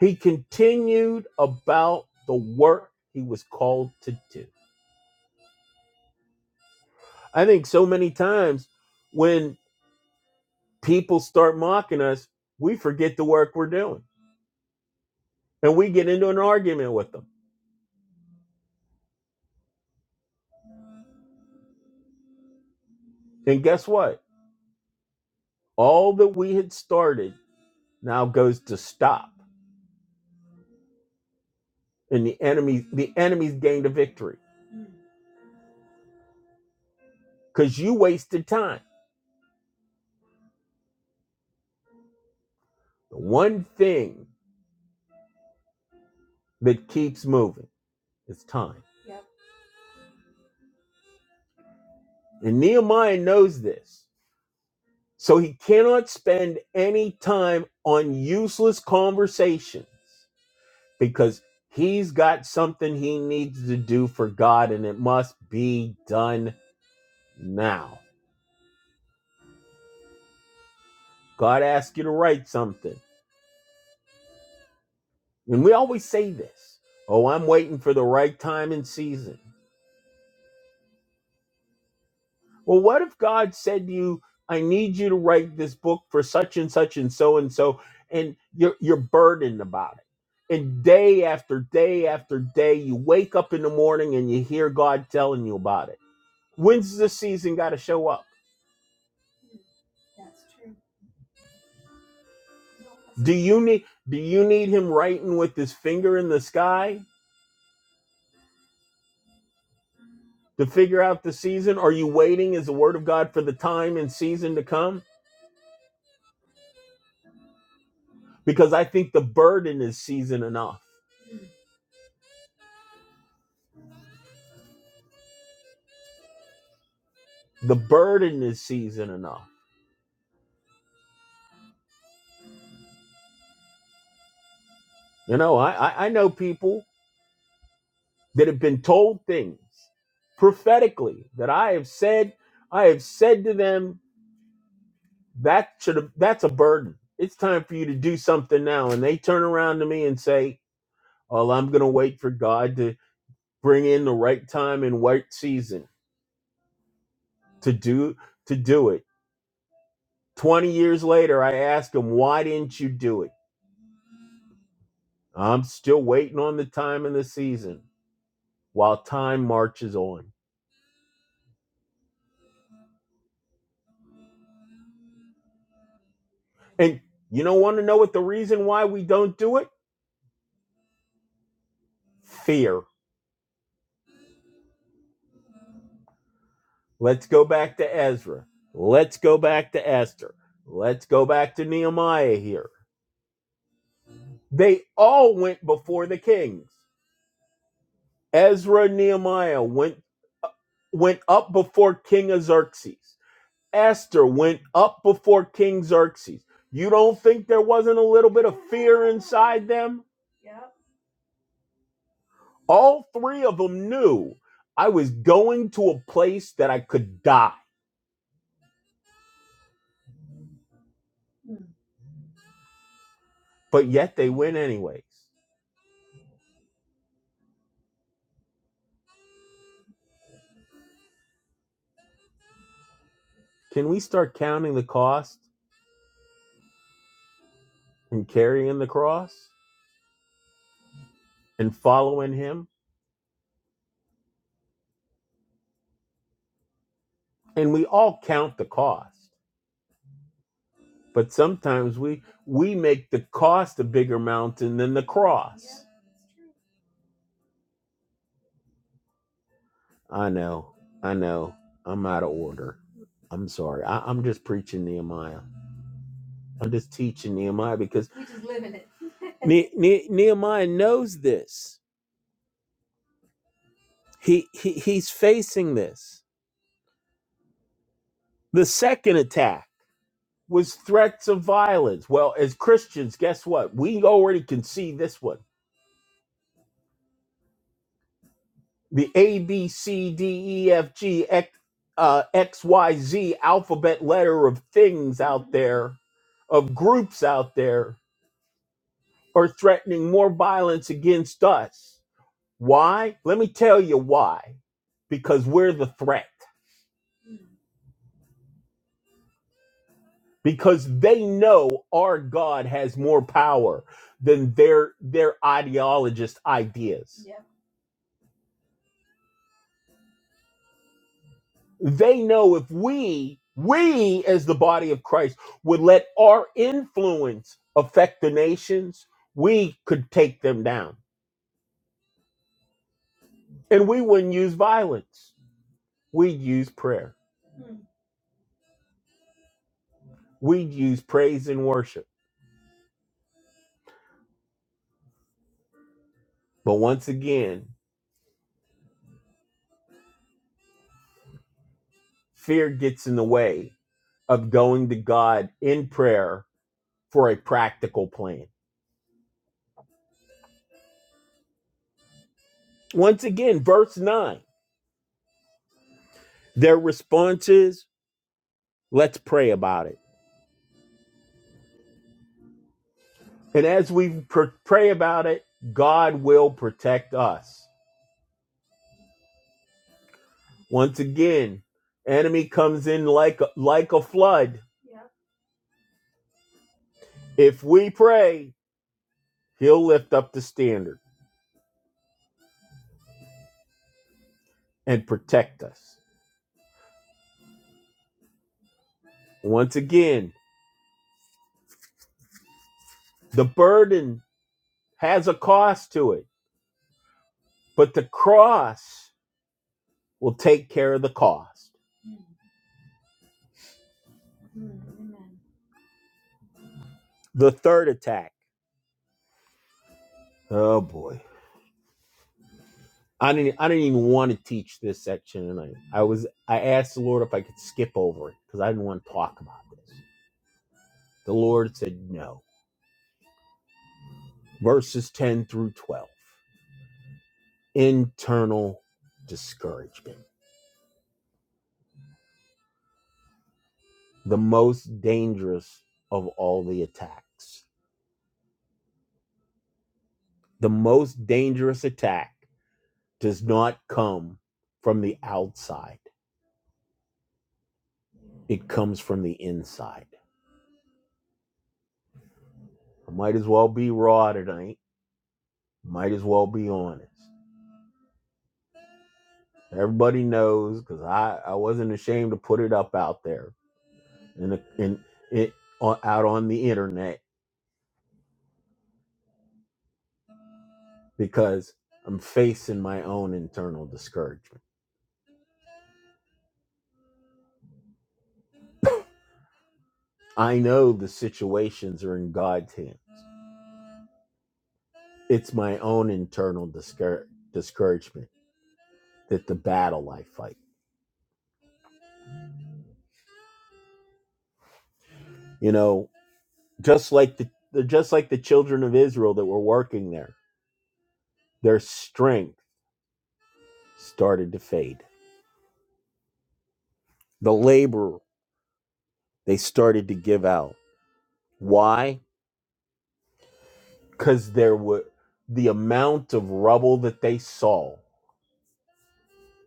S2: He continued about the work he was called to do. I think so many times when people start mocking us, we forget the work we're doing and we get into an argument with them. And guess what? All that we had started now goes to stop and the enemies the enemies gained a victory because you wasted time the one thing that keeps moving is time and nehemiah knows this so he cannot spend any time on useless conversations because he's got something he needs to do for god and it must be done now god asked you to write something and we always say this oh i'm waiting for the right time and season Well, what if God said to you, I need you to write this book for such and such and so and so, and you're you're burdened about it. And day after day after day, you wake up in the morning and you hear God telling you about it. When's the season gotta show up? Do you need do you need him writing with his finger in the sky to figure out the season? Are you waiting as the word of God for the time and season to come? Because I think the burden is season enough. The burden is season enough You know, I, I I know people that have been told things prophetically that I have said, I have said to them, that should have that's a burden. It's time for you to do something now. And they turn around to me and say, "Oh, I'm gonna wait for God to bring in the right time and right season to do to do it. Twenty years later, I ask them, Why didn't you do it? I'm still waiting on the time and the season while time marches on. And you don't want to know what the reason why we don't do it? Fear. Let's go back to Ezra. Let's go back to Esther. Let's go back to Nehemiah here. They all went before the kings. Ezra and Nehemiah went uh, went up before King Xerxes. Esther went up before King Xerxes. You don't think there wasn't a little bit of them? All three of them knew I was going to a place that I could die. but yet they win anyways. Can we start counting the cost and carrying the cross and following him? And we all count the cost, but sometimes we we make the cost a bigger mountain than the cross. I know, I know, I'm out of order. I'm sorry. I, I'm just preaching Nehemiah. I'm just teaching Nehemiah because ne- Ne- Nehemiah knows this. He, he he's facing this. The second attack. was threats of violence. Well, as Christians, guess what? We already can see this one. The A, B, C, D, E, F, G, X, uh, X, Y, Z alphabet letter of things out there, of groups out there, are threatening more violence against us. Why? Let me tell you why. Because we're the threat. Because they know our God has more power than their their ideologist ideas They know if we, we as the body of Christ, would let our influence affect the nations, we could take them down. And we wouldn't use violence. We'd use prayer. We'd use praise and worship. But once again, fear gets in the way of going to God in prayer for a practical plan. Once again, verse 9, their response is, let's pray about it. And as we pray about it, God will protect us. Once again, enemy comes in like a, like a flood. If we pray, he'll lift up the standard and protect us. Once again, the burden has a cost to it, but the cross will take care of the cost. The third attack. Oh boy. I didn't I didn't even want to teach this section tonight. I was I asked the Lord if I could skip over it because I didn't want to talk about this. The Lord said no. Verses 10 through 12. Internal discouragement, the most dangerous of all the attacks. The most dangerous attack does not come from the outside, it comes from the inside. I might as well be raw tonight, might as well be honest. Everybody knows because I, I wasn't ashamed to put it up out there in, the in, it, out on the internet because I'm facing my own internal discouragement. I know the situations are in God's hands. It's my own internal discour- discouragement that the battle I fight. You know, just like the the- just like the children of Israel that were working there, their strength started to fade. The labor they started to give out. Why? Because there were the amount of rubble that they saw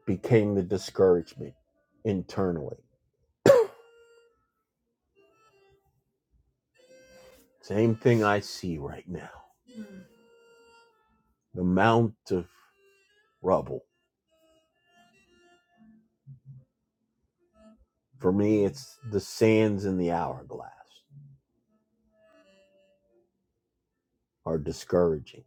S2: became the discouragement internally Same thing I see right now. The mount of rubble. For me, it's the sands in the hourglass are discouraging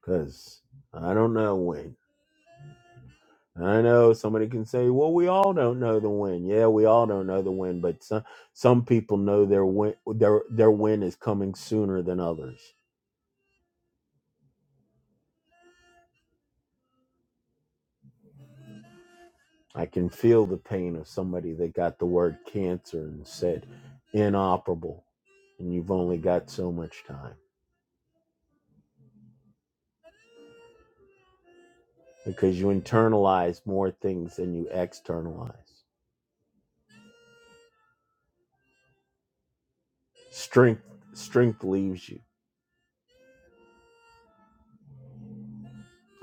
S2: because I don't know when. I know somebody can say, well, we all don't know the win. Yeah, we all don't know the win, but some, some people know their win, their, their win is coming sooner than others. I can feel the pain of somebody that got the word cancer and said inoperable, and you've only got so much time because you internalize more things than you externalize. Strength strength leaves you.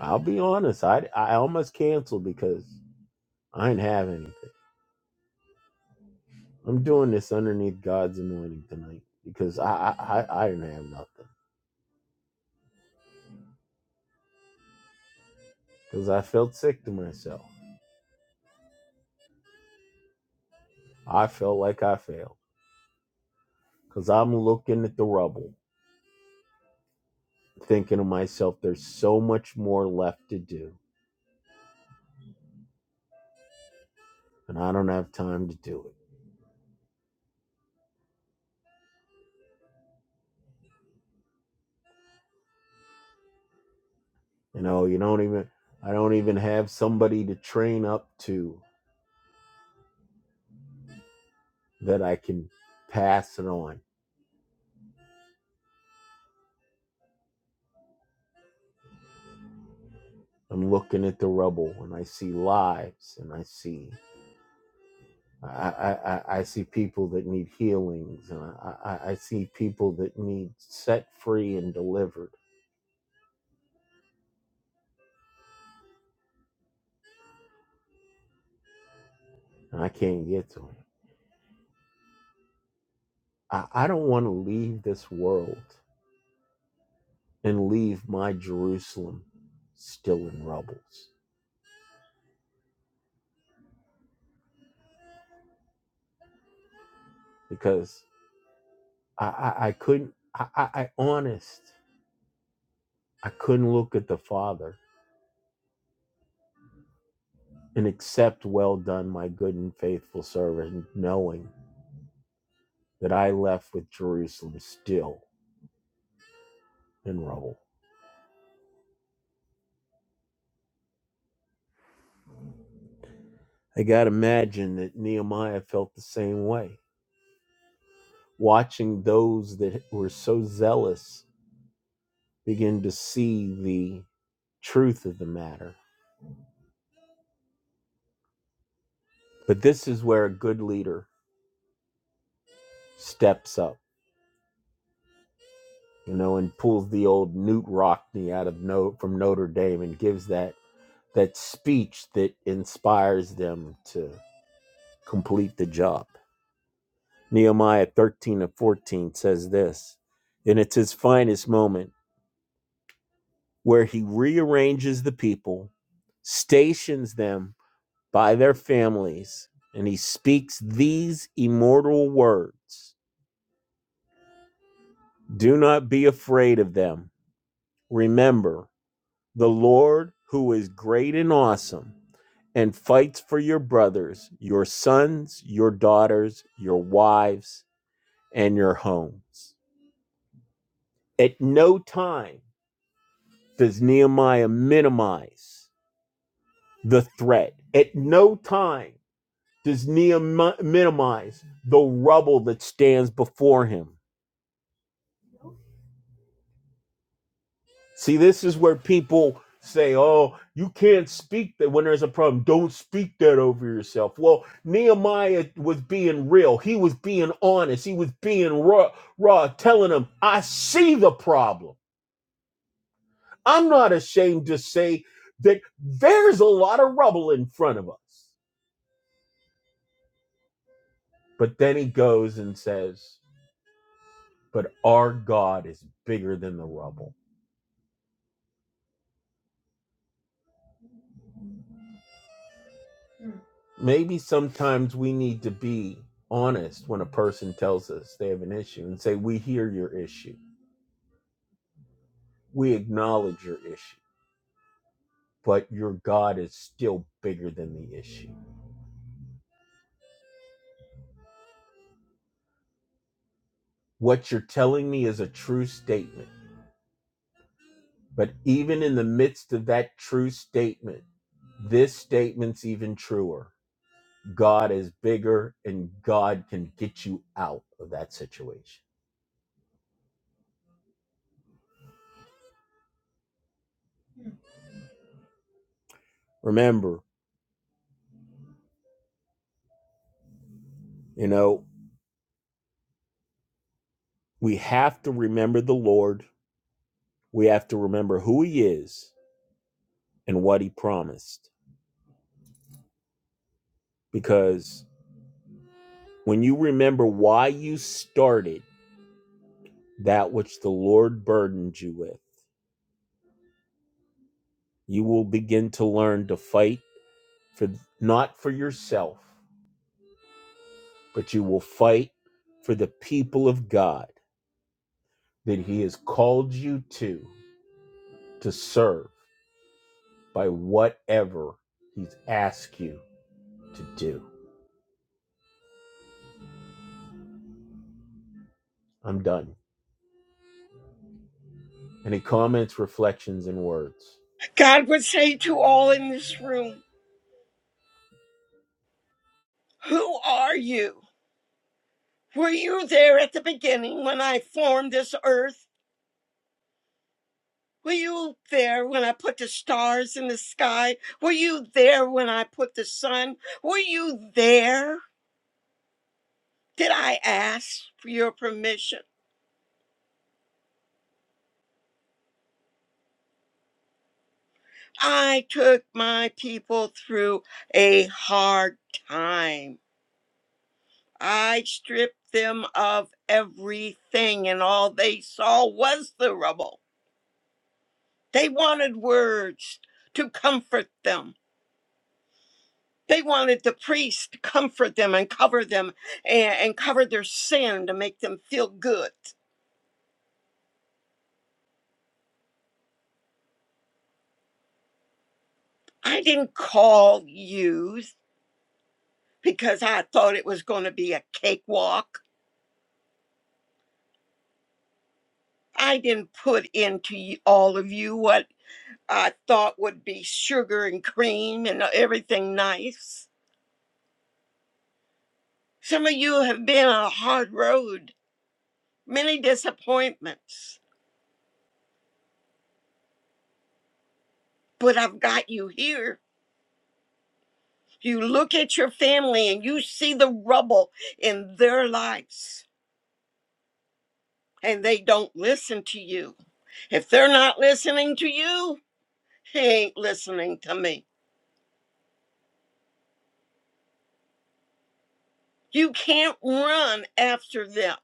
S2: I'll be honest, I I almost canceled because I didn't have anything. I'm doing this underneath God's anointing tonight because I I I, I didn't have nothing because I felt sick to myself. I felt like I failed because I'm looking at the rubble, thinking to myself, there's so much more left to do, and I don't have time to do it. You know, you don't even I don't even have somebody to train up to that I can pass it on. I'm looking at the rubble and I see lives and I see I, I, I see people that need healings and I, I, I see people that need set free and delivered and I can't get to them. I, I don't want to leave this world and leave my Jerusalem still in rubbles because I, I, I couldn't I, I, I honest I couldn't look at the Father and accept, well done, my good and faithful servant, knowing that I left with Jerusalem still in rubble. I got to imagine that Nehemiah felt the same way, watching those that were so zealous begin to see the truth of the matter. But this is where a good leader steps up you know, and pulls the old Newt Rockney out of no, from Notre Dame and gives that that speech that inspires them to complete the job. Nehemiah 13 and 14 says this, and it's his finest moment where he rearranges the people, stations them by their families, and he speaks these immortal words Do not be afraid of them. Remember the Lord who is great and awesome and fights for your brothers, your sons, your daughters, your wives, and your homes. At no time does Nehemiah minimize the threat. At no time does Nehemiah minimize the rubble that stands before him. See, this is where people say, oh, you can't speak that when there's a problem. Don't speak that over yourself. Well, Nehemiah was being real. He was being honest. He was being raw, raw telling them, I see the problem. I'm not ashamed to say that there's a lot of rubble in front of us. But then he goes and says, but our God is bigger than the rubble. maybe sometimes we need to be honest when a person tells us they have an issue and say, We hear your issue. We acknowledge your issue, but your God is still bigger than the issue. What you're telling me is a true statement. But even in the midst of that true statement, this statement's even truer. God is bigger and God can get you out of that situation. Remember, you know, we have to remember the Lord we have to remember who he is and what he promised. Because when you remember why you started that which the Lord burdened you with, you will begin to learn to fight for not for yourself, but you will fight for the people of God that he has called you to to serve by whatever he's asked you to do. I'm done. Any comments, reflections, and words?
S3: God would say to all in this room, Who are you? Were you there at the beginning when I formed this earth? Were you there when I put the stars in the sky? Were you there when I put the sun? Were you there? Did I ask for your permission? I took my people through a hard time. I stripped them of everything, and all they saw was the rubble. They wanted words to comfort them. They wanted the priest to comfort them and cover them and, and cover their sin to make them feel good. I didn't call you because I thought it was going to be a cakewalk. I didn't put into y- all of you what I thought would be sugar and cream and uh, everything nice. Some of you have been on a hard road, many disappointments, but I've got you here You look at your family and you see the rubble in their lives, and they don't listen to you. If they're not listening to you, they ain't listening to me. You can't run after them.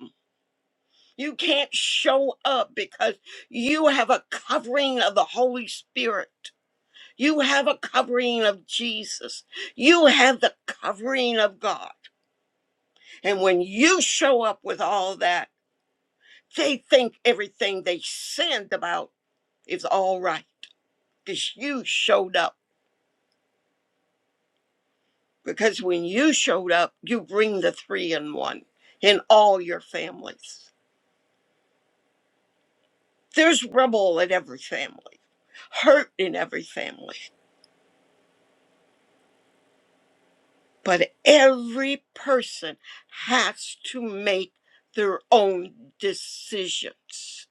S3: You can't show up because you have a covering of the Holy Spirit. You have a covering of Jesus. You have the covering of God. And when you show up with all that, they think everything they sinned about It's all right because you showed up. Because when you showed up, you bring the three in one in all your families. There's rubble in every family, hurt in every family, but every person has to make their own decisions.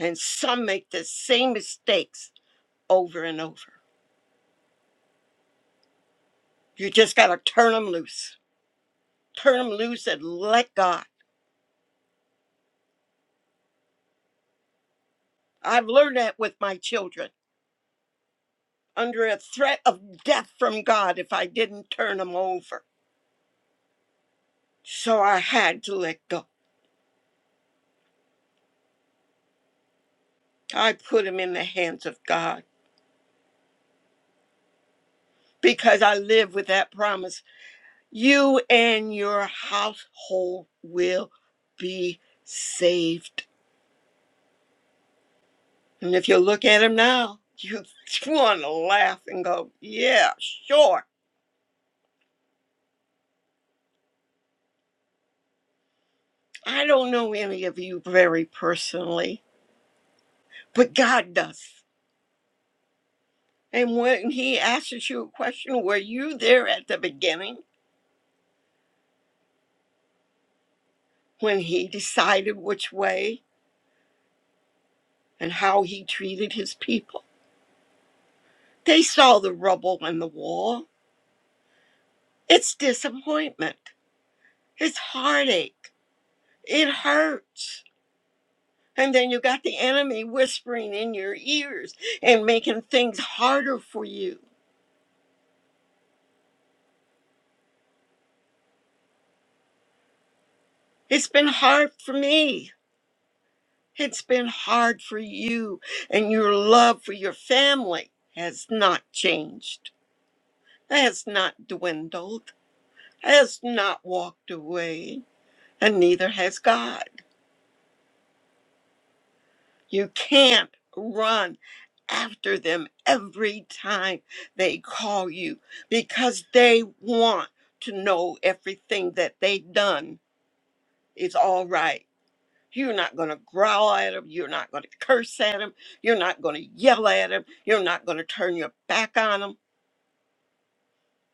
S3: And some make the same mistakes over and over. You just got to turn them loose. Turn them loose and let God. I've learned that with my children. under a threat of death from God if I didn't turn him over. So I had to let go. I put him in the hands of God because I live with that promise. You and your household will be saved. And if you look at him now, you want to laugh and go, yeah, sure. I don't know any of you very personally, but God does. And when he asks you a question, were you there at the beginning? when he decided which way and how he treated his people. They saw the rubble and the wall. It's disappointment, it's heartache, it hurts. And then you got the enemy whispering in your ears and making things harder for you. It's been hard for me. It's been hard for you, and your love for your family has not changed, has not dwindled, has not walked away and neither has God. You can't run after them every time they call you because they want to know everything that they've done is all right. You're not going to growl at them. You're not going to curse at them. You're not going to yell at them. You're not going to turn your back on them.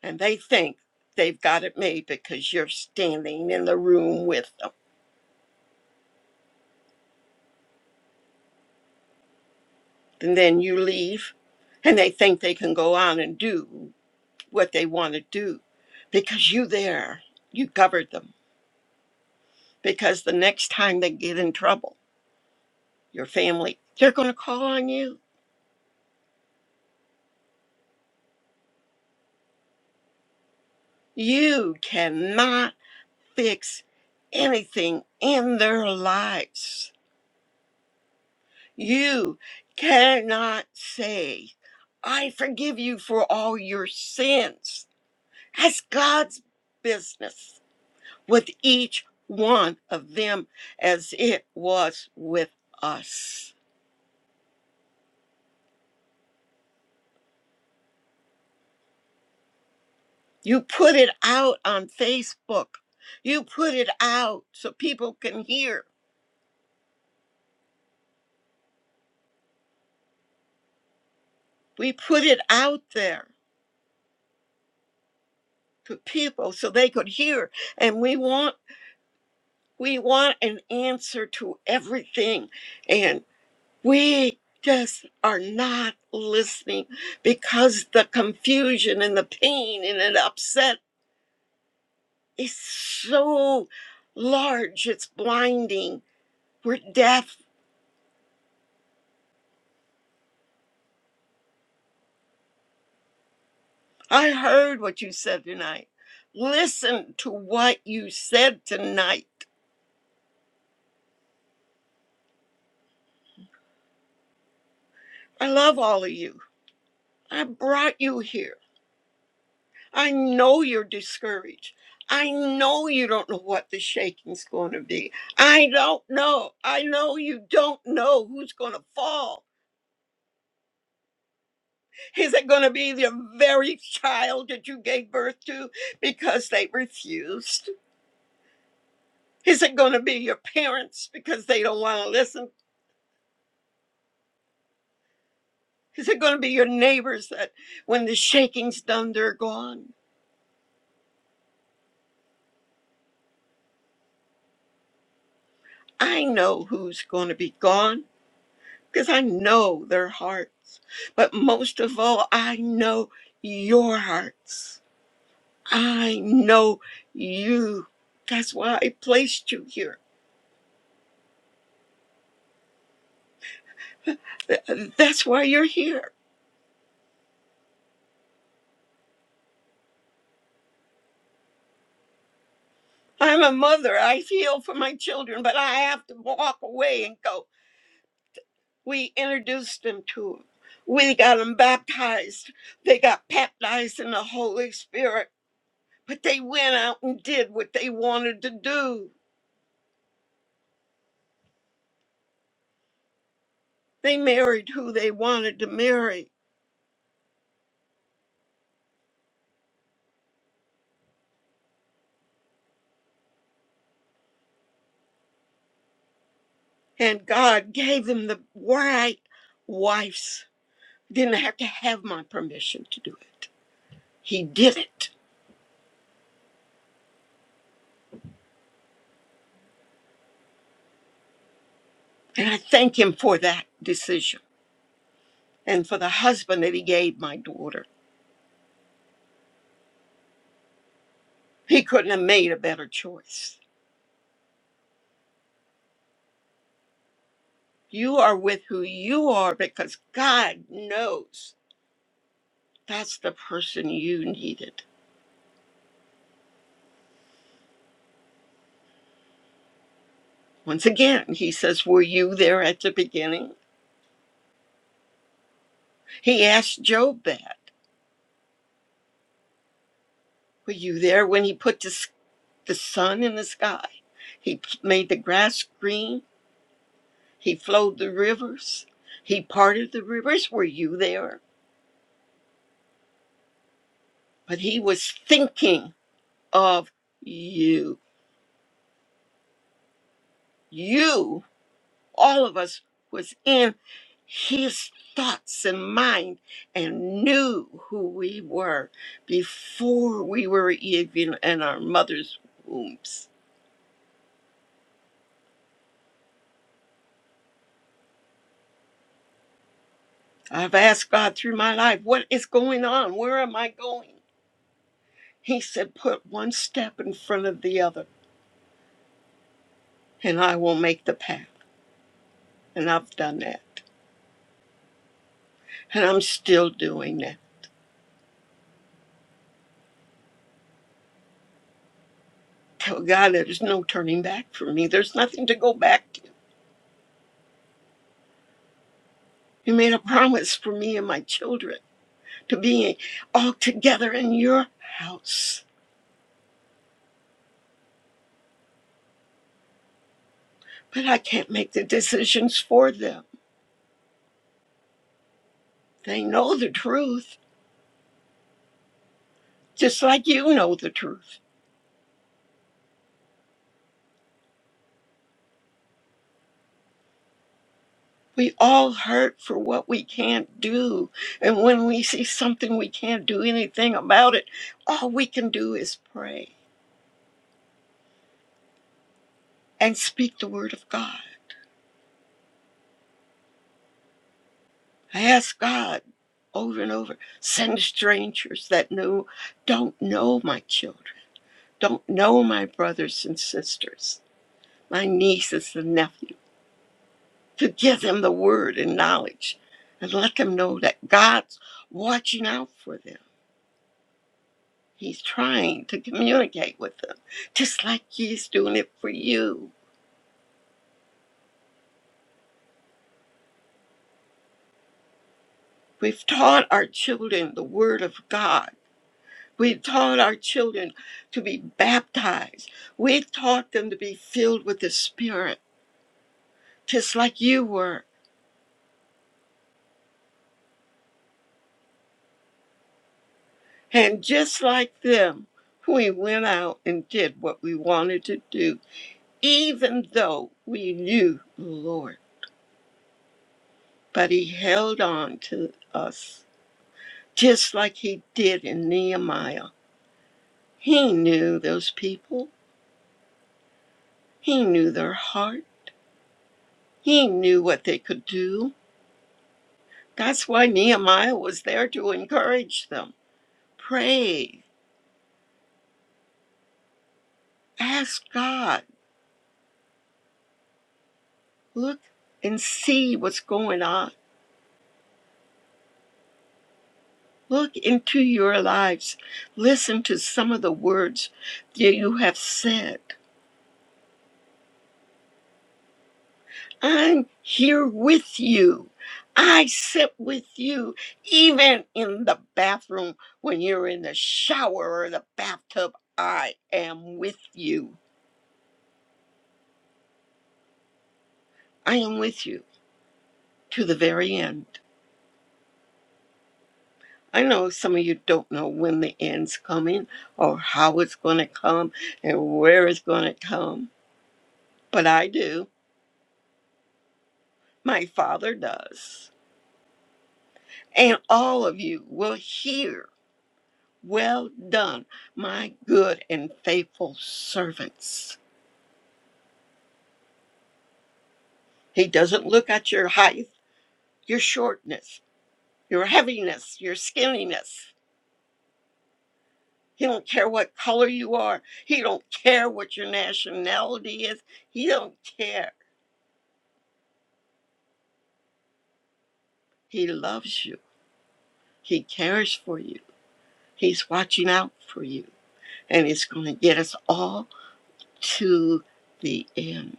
S3: And they think they've got it made because you're standing in the room with them. And then you leave and they think they can go on and do what they want to do because you there you covered them because the next time they get in trouble your family they're going to call on you you cannot fix anything in their lives you cannot say i forgive you for all your sins that's god's business with each one of them as it was with us You put it out on Facebook. You put it out so people can hear. We put it out there to people so they could hear. And we want we want an answer to everything. And we just are not listening because the confusion and the pain and the upset is so large. It's blinding. We're deaf I heard what you said tonight. Listen to what you said tonight. I love all of you. I brought you here. I know you're discouraged. I know you don't know what the shaking's going to be. I don't know. I know you don't know who's going to fall. Is it going to be the very child that you gave birth to because they refused? Is it going to be your parents because they don't want to listen? Is it going to be your neighbors that when the shaking's done, they're gone? I know who's going to be gone because I know their hearts. But most of all, I know your hearts. I know you. That's why I placed you here. Th- That's why you're here. I'm a mother. I feel for my children, but I have to walk away and go. We introduced them to him. We got them baptized. They got baptized in the Holy Spirit, but they went out and did what they wanted to do. They married who they wanted to marry, and God gave them the right wives. Didn't have to have my permission to do it. He did it. And I thank him for that decision and for the husband that he gave my daughter. He couldn't have made a better choice. You are with who you are because God knows that's the person you needed. Once again, he says, Were you there at the beginning? He asked Job that. Were you there when he put the, s- the sun in the sky? He p- made the grass green. He flowed the rivers. He parted the rivers. Were you there? But he was thinking of you. You all of us was in his thoughts and mind and knew who we were before we were even in our mother's wombs. I've asked God through my life, what is going on? Where am I going? He said, put one step in front of the other and I will make the path. And I've done that. And I'm still doing that. Tell God there's no turning back for me. There's nothing to go back to. He made a promise for me and my children to being all together in your house. But I can't make the decisions for them. They know the truth, just like you know the truth. We all hurt for what we can't do. And when we see something we can't do anything about it, all we can do is pray and speak the word of God. I ask God over and over send strangers that know, don't know my children, don't know my brothers and sisters, my nieces and nephews. to give them the word and knowledge and let them know that God's watching out for them. He's trying to communicate with them, just like He's doing it for you. We've taught our children the Word of God. We've taught our children to be baptized. We've taught them to be filled with the Spirit, just like you were. And just like them, we went out and did what we wanted to do, even though we knew the Lord but he held on to us just like he did in Nehemiah. He knew those people, he knew their heart, he knew what they could do. That's why Nehemiah was there to encourage them. Pray, ask God, look and see what's going on. Look into your lives. Listen to some of the words that you have said. I'm here with you. I sit with you even in the bathroom when you're in the shower or the bathtub. I am with you. I am with you to the very end. I know some of you don't know when the end's coming or how it's going to come and where it's going to come, but I do. My father does. And all of you will hear Well done, my good and faithful servants. He doesn't look at your height, your shortness, your heaviness, your skinniness. He don't care what color you are. He don't care what your nationality is. He don't care. He loves you. He cares for you. He's watching out for you. And he's going to get us all to the end.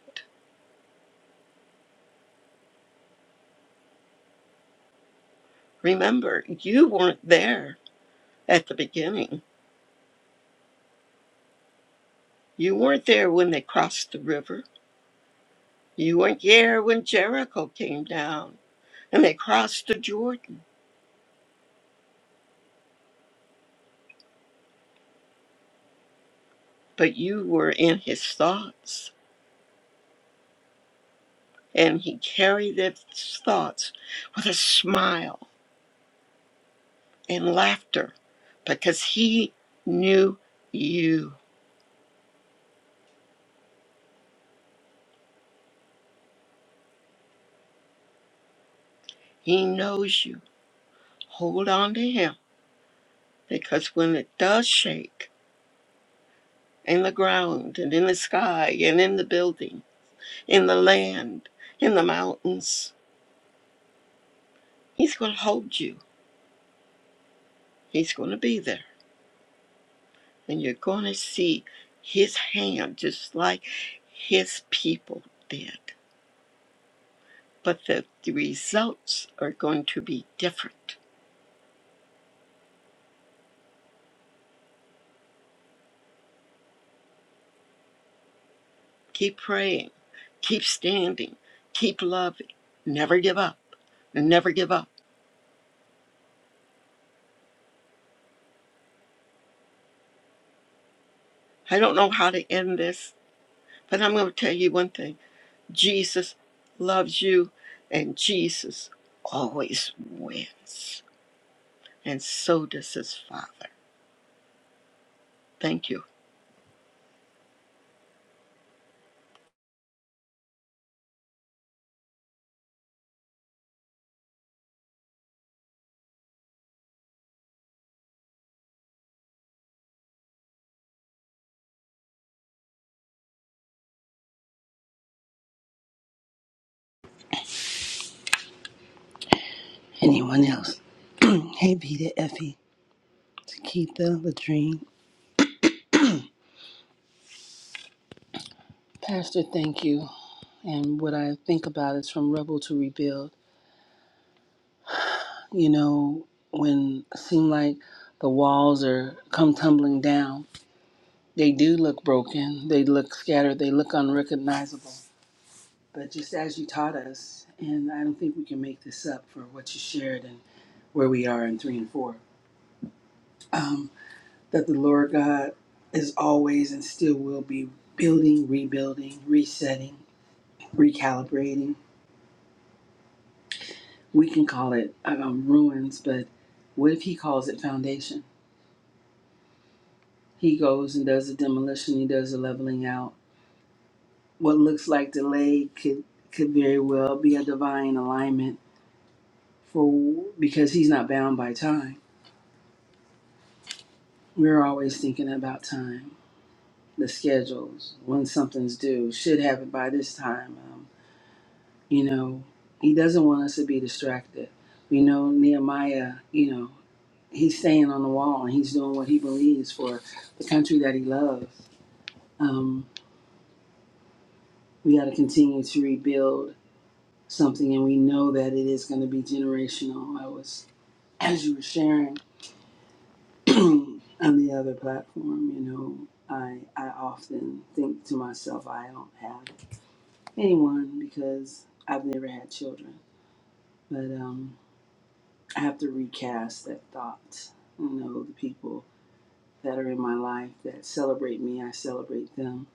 S3: Remember, you weren't there at the beginning You weren't there when they crossed the river. You weren't there when Jericho came down and they crossed the Jordan. But you were in his thoughts. And he carried his thoughts with a smile and laughter because he knew you. He knows you. Hold on to him because when it does shake in the ground and in the sky and in the building, in the land, in the mountains, he's going to hold you. He's going to be there. And you're going to see his hand just like his people did. But the, the results are going to be different. Keep praying, keep standing, keep loving, never give up, never give up. I don't know how to end this, but I'm going to tell you one thing Jesus loves you, and Jesus always wins. And so does his Father. Thank you.
S1: Anyone else? hey Vita, Effie, Takitha, Latrine. Pastor, thank you. And what I think about is from rebel to rebuild. You know, when it seem like the walls are come tumbling down, they do look broken. They look scattered. They look unrecognizable. but just as you taught us, and I don't think we can make this up for what you shared and where we are in three and four, um, that the Lord God is always and still will be building, rebuilding, resetting, recalibrating. We can call it um, ruins, but what if He calls it foundation? He goes and does a demolition, He does a leveling out. What looks like delay could could very well be a divine alignment for because He's not bound by time We're always thinking about time, the schedules, when something's due, should have it by this time. Um, you know, he doesn't want us to be distracted. We know Nehemiah, you know, he's staying on the wall and he's doing what he believes for the country that he loves. Um, we got to continue to rebuild something, and we know that it is going to be generational. I was, as you were sharing on the other platform, you know, I, I often think to myself, I don't have anyone because I've never had children. But um, I have to recast that thought. You know, the people that are in my life that celebrate me, I celebrate them.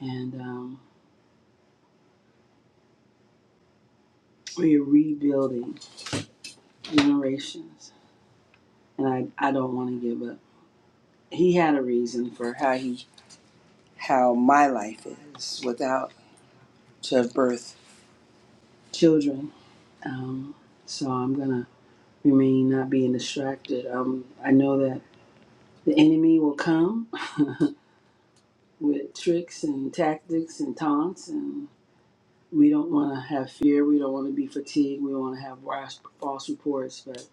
S1: And um, we are rebuilding generations. And I, I don't want to give up. He had a reason for how he how my life is without to have birth children. Um, so I'm gonna remain not being distracted. Um, I know that the enemy will come with tricks and tactics and taunts and we don't want to have fear we don't want to be fatigued we want to have rash, false reports but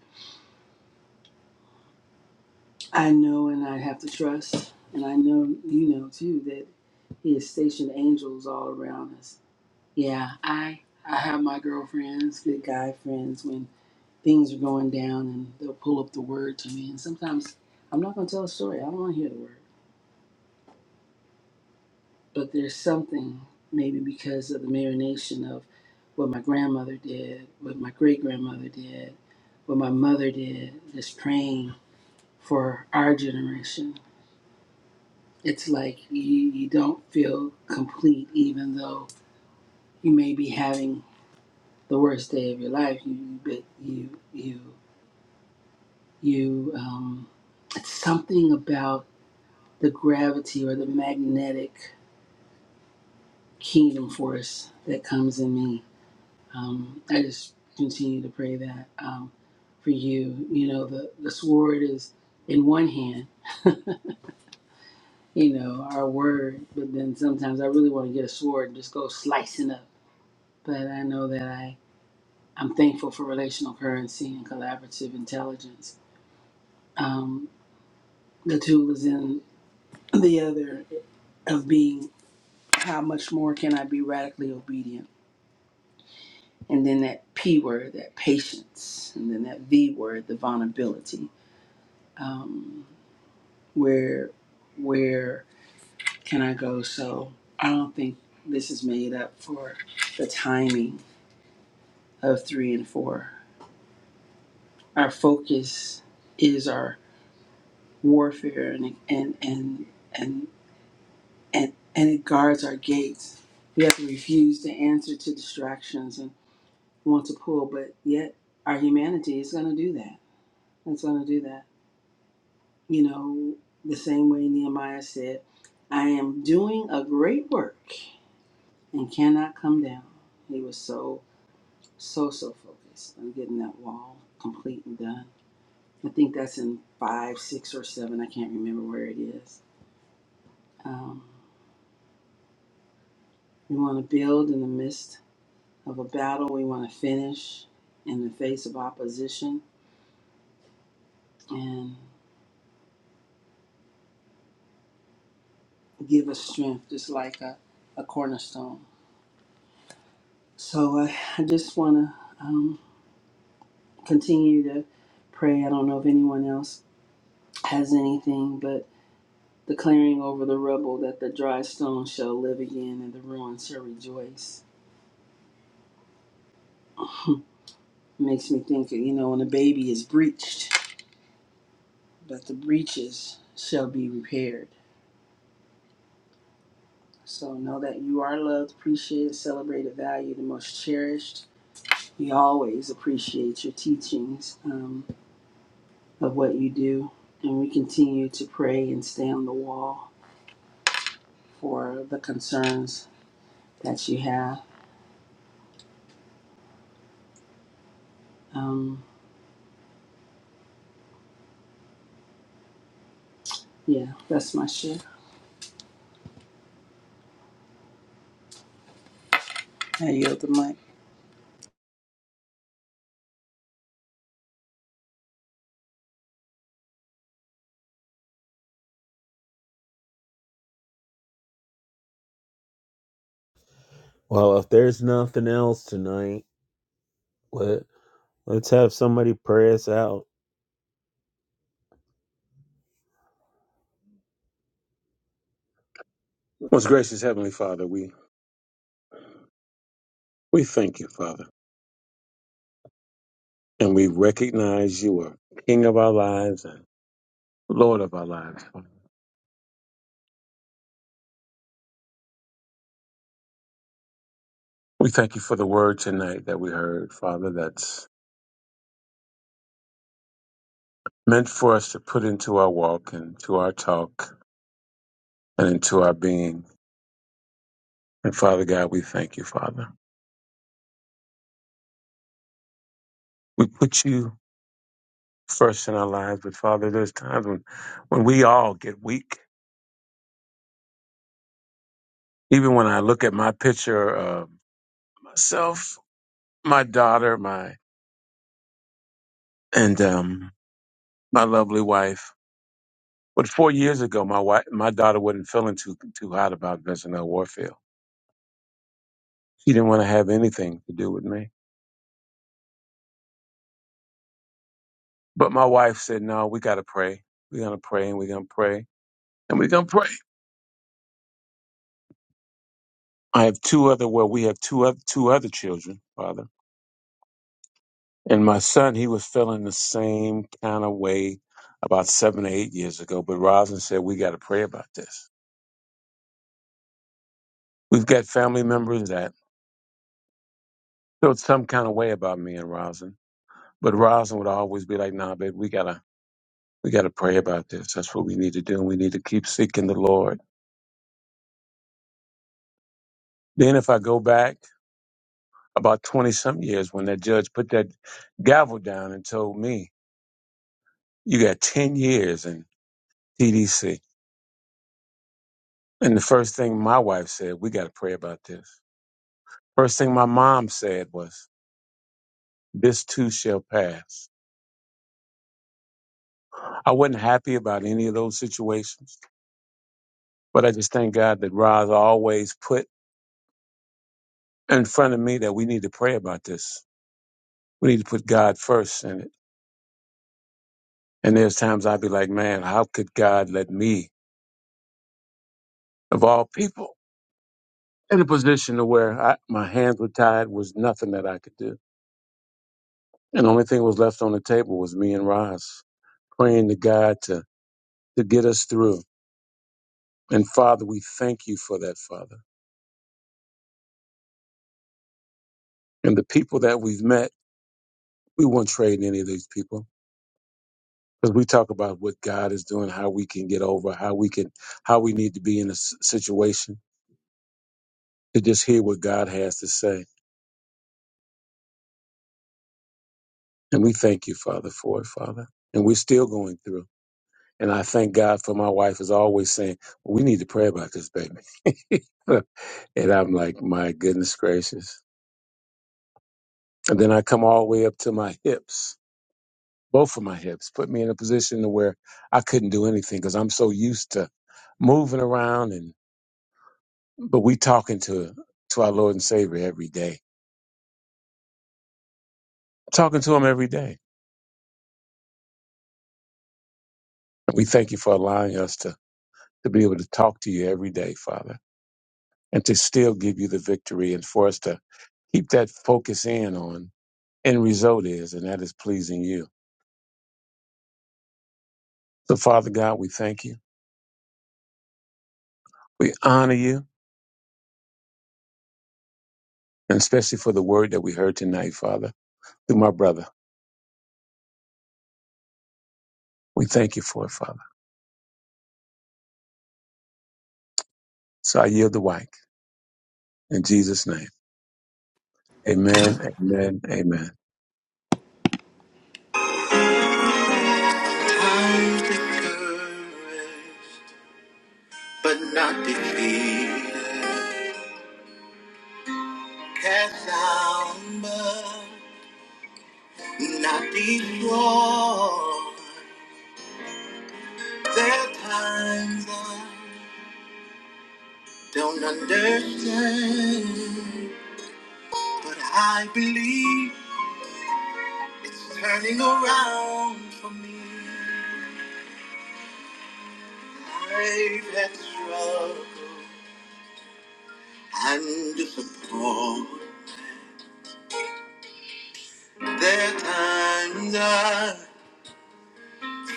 S1: i know and i have to trust and i know you know too that he has stationed angels all around us yeah i i have my girlfriends good guy friends when things are going down and they'll pull up the word to me and sometimes i'm not going to tell a story i don't want to hear the word but there's something maybe because of the marination of what my grandmother did, what my great grandmother did, what my mother did, just praying for our generation. It's like you, you don't feel complete, even though you may be having the worst day of your life. You, but you, you, you. Um, it's something about the gravity or the magnetic kingdom force that comes in me Um, I just continue to pray that um, for you. You know, the, the sword is in one hand, you know, our word, but then sometimes I really want to get a sword and just go slicing up. But I know that I, I'm thankful for relational currency and collaborative intelligence. Um, the tool is in the other of being how much more can I be radically obedient? And then that P word, that patience, and then that V word, the vulnerability. Um, where where can I go? So I don't think this is made up for the timing of three and four. Our focus is our warfare and and and and and, and it guards our gates. We have to refuse to answer to distractions and want to pull, but yet our humanity is going to do that. It's going to do that. You know, the same way Nehemiah said, I am doing a great work and cannot come down. He was so, so, so focused on getting that wall complete and done. I think that's in five, six, or seven. I can't remember where it is. Um, we want to build in the midst of a battle. We want to finish in the face of opposition and give us strength, just like a, a cornerstone. So I, I just want to um, continue to pray. I don't know if anyone else has anything, but. declaring over the rubble that the dry stones shall live again and the ruins shall rejoice. Makes me think, you know, when a baby is breached, that the breaches shall be repaired. So know that you are loved, appreciated, celebrated, valued, and most cherished. We always appreciate your teachings um, of what you do, and we continue to pray and stay on the wall for the concerns that you have. Um, yeah, that's my shit. I yield the mic.
S2: Well, if there's nothing else tonight, let let's have somebody pray us out.
S4: Most gracious Heavenly Father, we, we thank you, Father, and we recognize you are King of our lives and Lord of our lives. We thank you for the word tonight that we heard, Father, that's meant for us to put into our walk and to our talk and into our being. And Father God, we thank you, Father. We put you first in our lives, but Father, there's times when, when we all get weak. Even when I look at my picture of myself, my daughter, my and um, my lovely wife, But four years ago, my wife, my daughter wasn't feeling too too hot about Vincent L. Warfield. She didn't want to have anything to do with me. But my wife said, "No, we got to pray. We're gonna pray, and we're gonna pray, and we're gonna pray." I have two other. Well, we have two other two other children, father, and my son. He was feeling the same kind of way about seven or eight years ago. But Rosin said, "We got to pray about this. We've got family members that felt some kind of way about me and Rosin." But Rosin would always be like, "Nah, babe, we gotta." We got to pray about this. That's what we need to do. And we need to keep seeking the Lord. Then, if I go back about 20 some years when that judge put that gavel down and told me, You got 10 years in TDC. And the first thing my wife said, We got to pray about this. First thing my mom said was, This too shall pass. I wasn't happy about any of those situations, but I just thank God that Roz always put in front of me that we need to pray about this. We need to put God first in it And there's times I'd be like, man, how could God let me, of all people, in a position to where I, my hands were tied was nothing that I could do. And the only thing was left on the table was me and Roz praying to God to, to get us through. And Father, we thank you for that, Father. And the people that we've met, we won't trade any of these people because we talk about what God is doing, how we can get over, how we can, how we need to be in a s- situation to just hear what God has to say. And we thank you, Father, for it, Father. And we're still going through. And I thank God for my wife is always saying, we need to pray about this baby. and I'm like, my goodness gracious. And then I come all the way up to my hips, both of my hips, put me in a position to where I couldn't do anything because I'm so used to moving around. And but we talking to to our Lord and Savior every day, talking to Him every day. We thank you for allowing us to to be able to talk to you every day, Father and to still give you the victory and for us to keep that focus in on end result is, and that is pleasing you. So, Father God, we thank you. We honor you, and especially for the word that we heard tonight, Father, through my brother. We thank you for it, Father. So I yield the mic in Jesus' name. Amen, amen, amen.
S1: I'm discouraged, but not defeated. Cast down, but not destroyed. There are times I don't understand, but I believe it's turning around for me. I've had struggle and disappointment. There are times I.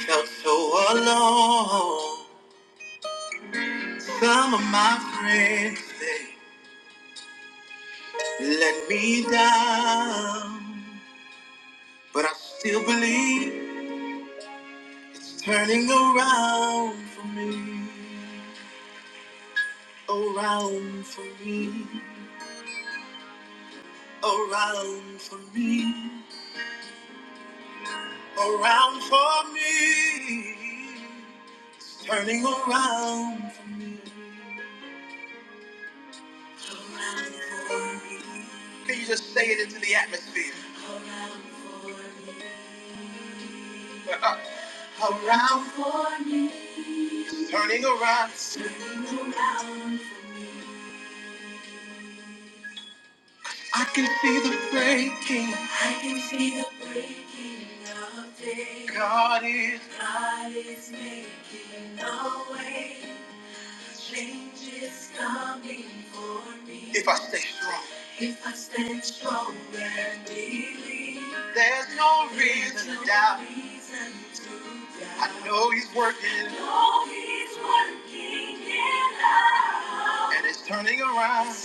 S1: Felt so alone. Some of my friends they let me down, but I still believe it's turning around for me, around for me, around for me, around for me. It's Turning around. Can you just say it into the atmosphere? around for me. Turning around, I can see the breaking. I can see the breaking of day. God is away. If I stay strong, if I stand strong and believe, there's no reason to doubt. I know He's working. know He's working it out. And it's turning around.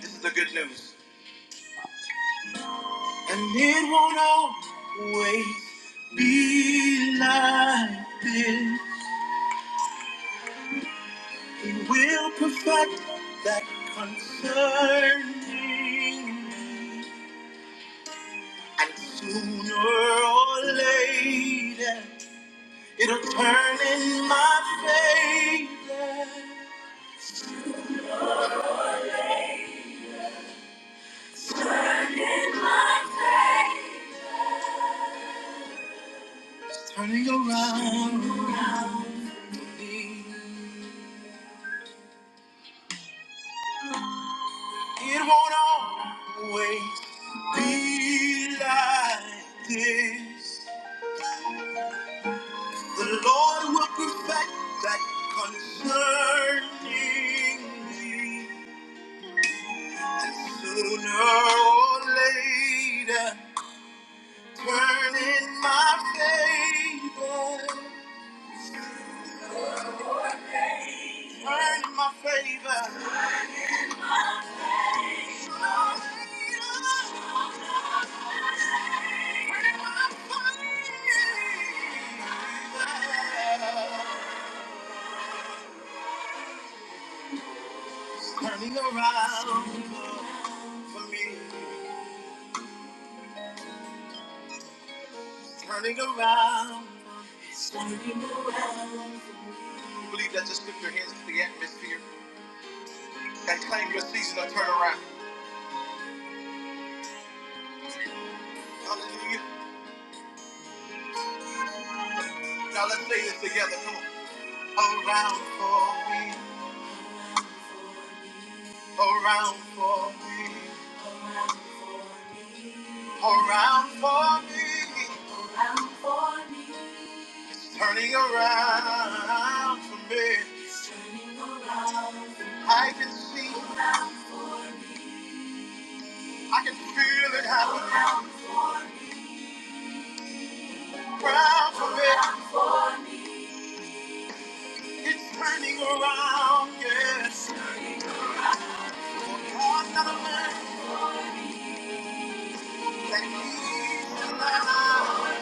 S1: This is the good news. And it won't always be like this. It will perfect that concerning me. And sooner or later, it'll turn in my favor. In my favor. Turning around. me. It won't always be like this. The Lord will perfect that concerning me. Sooner or later, turn in my favor. Turn in my favor. Turning around for me. Turning around. Believe that. Just lift your hands to the atmosphere and claim your season of turnaround. Hallelujah. Now let's say this together. Come on. Around for me, around for me, around for me. It's turning around for me. I can see, I can feel it happening around for me. It's turning around, yes. For another man that needs a lie.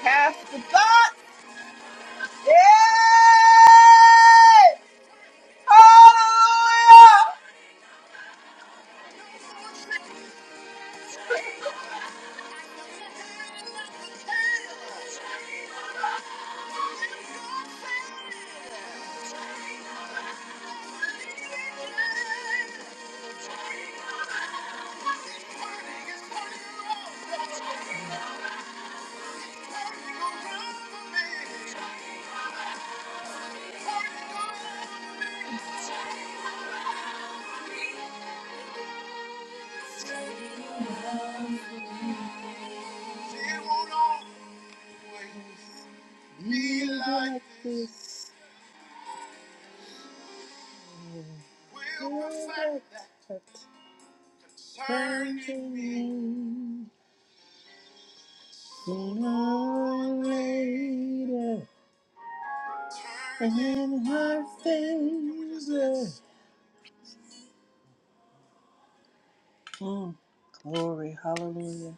S1: Half the thought. It won't always be like this. will perfect that turning me. Mm. Glory, hallelujah.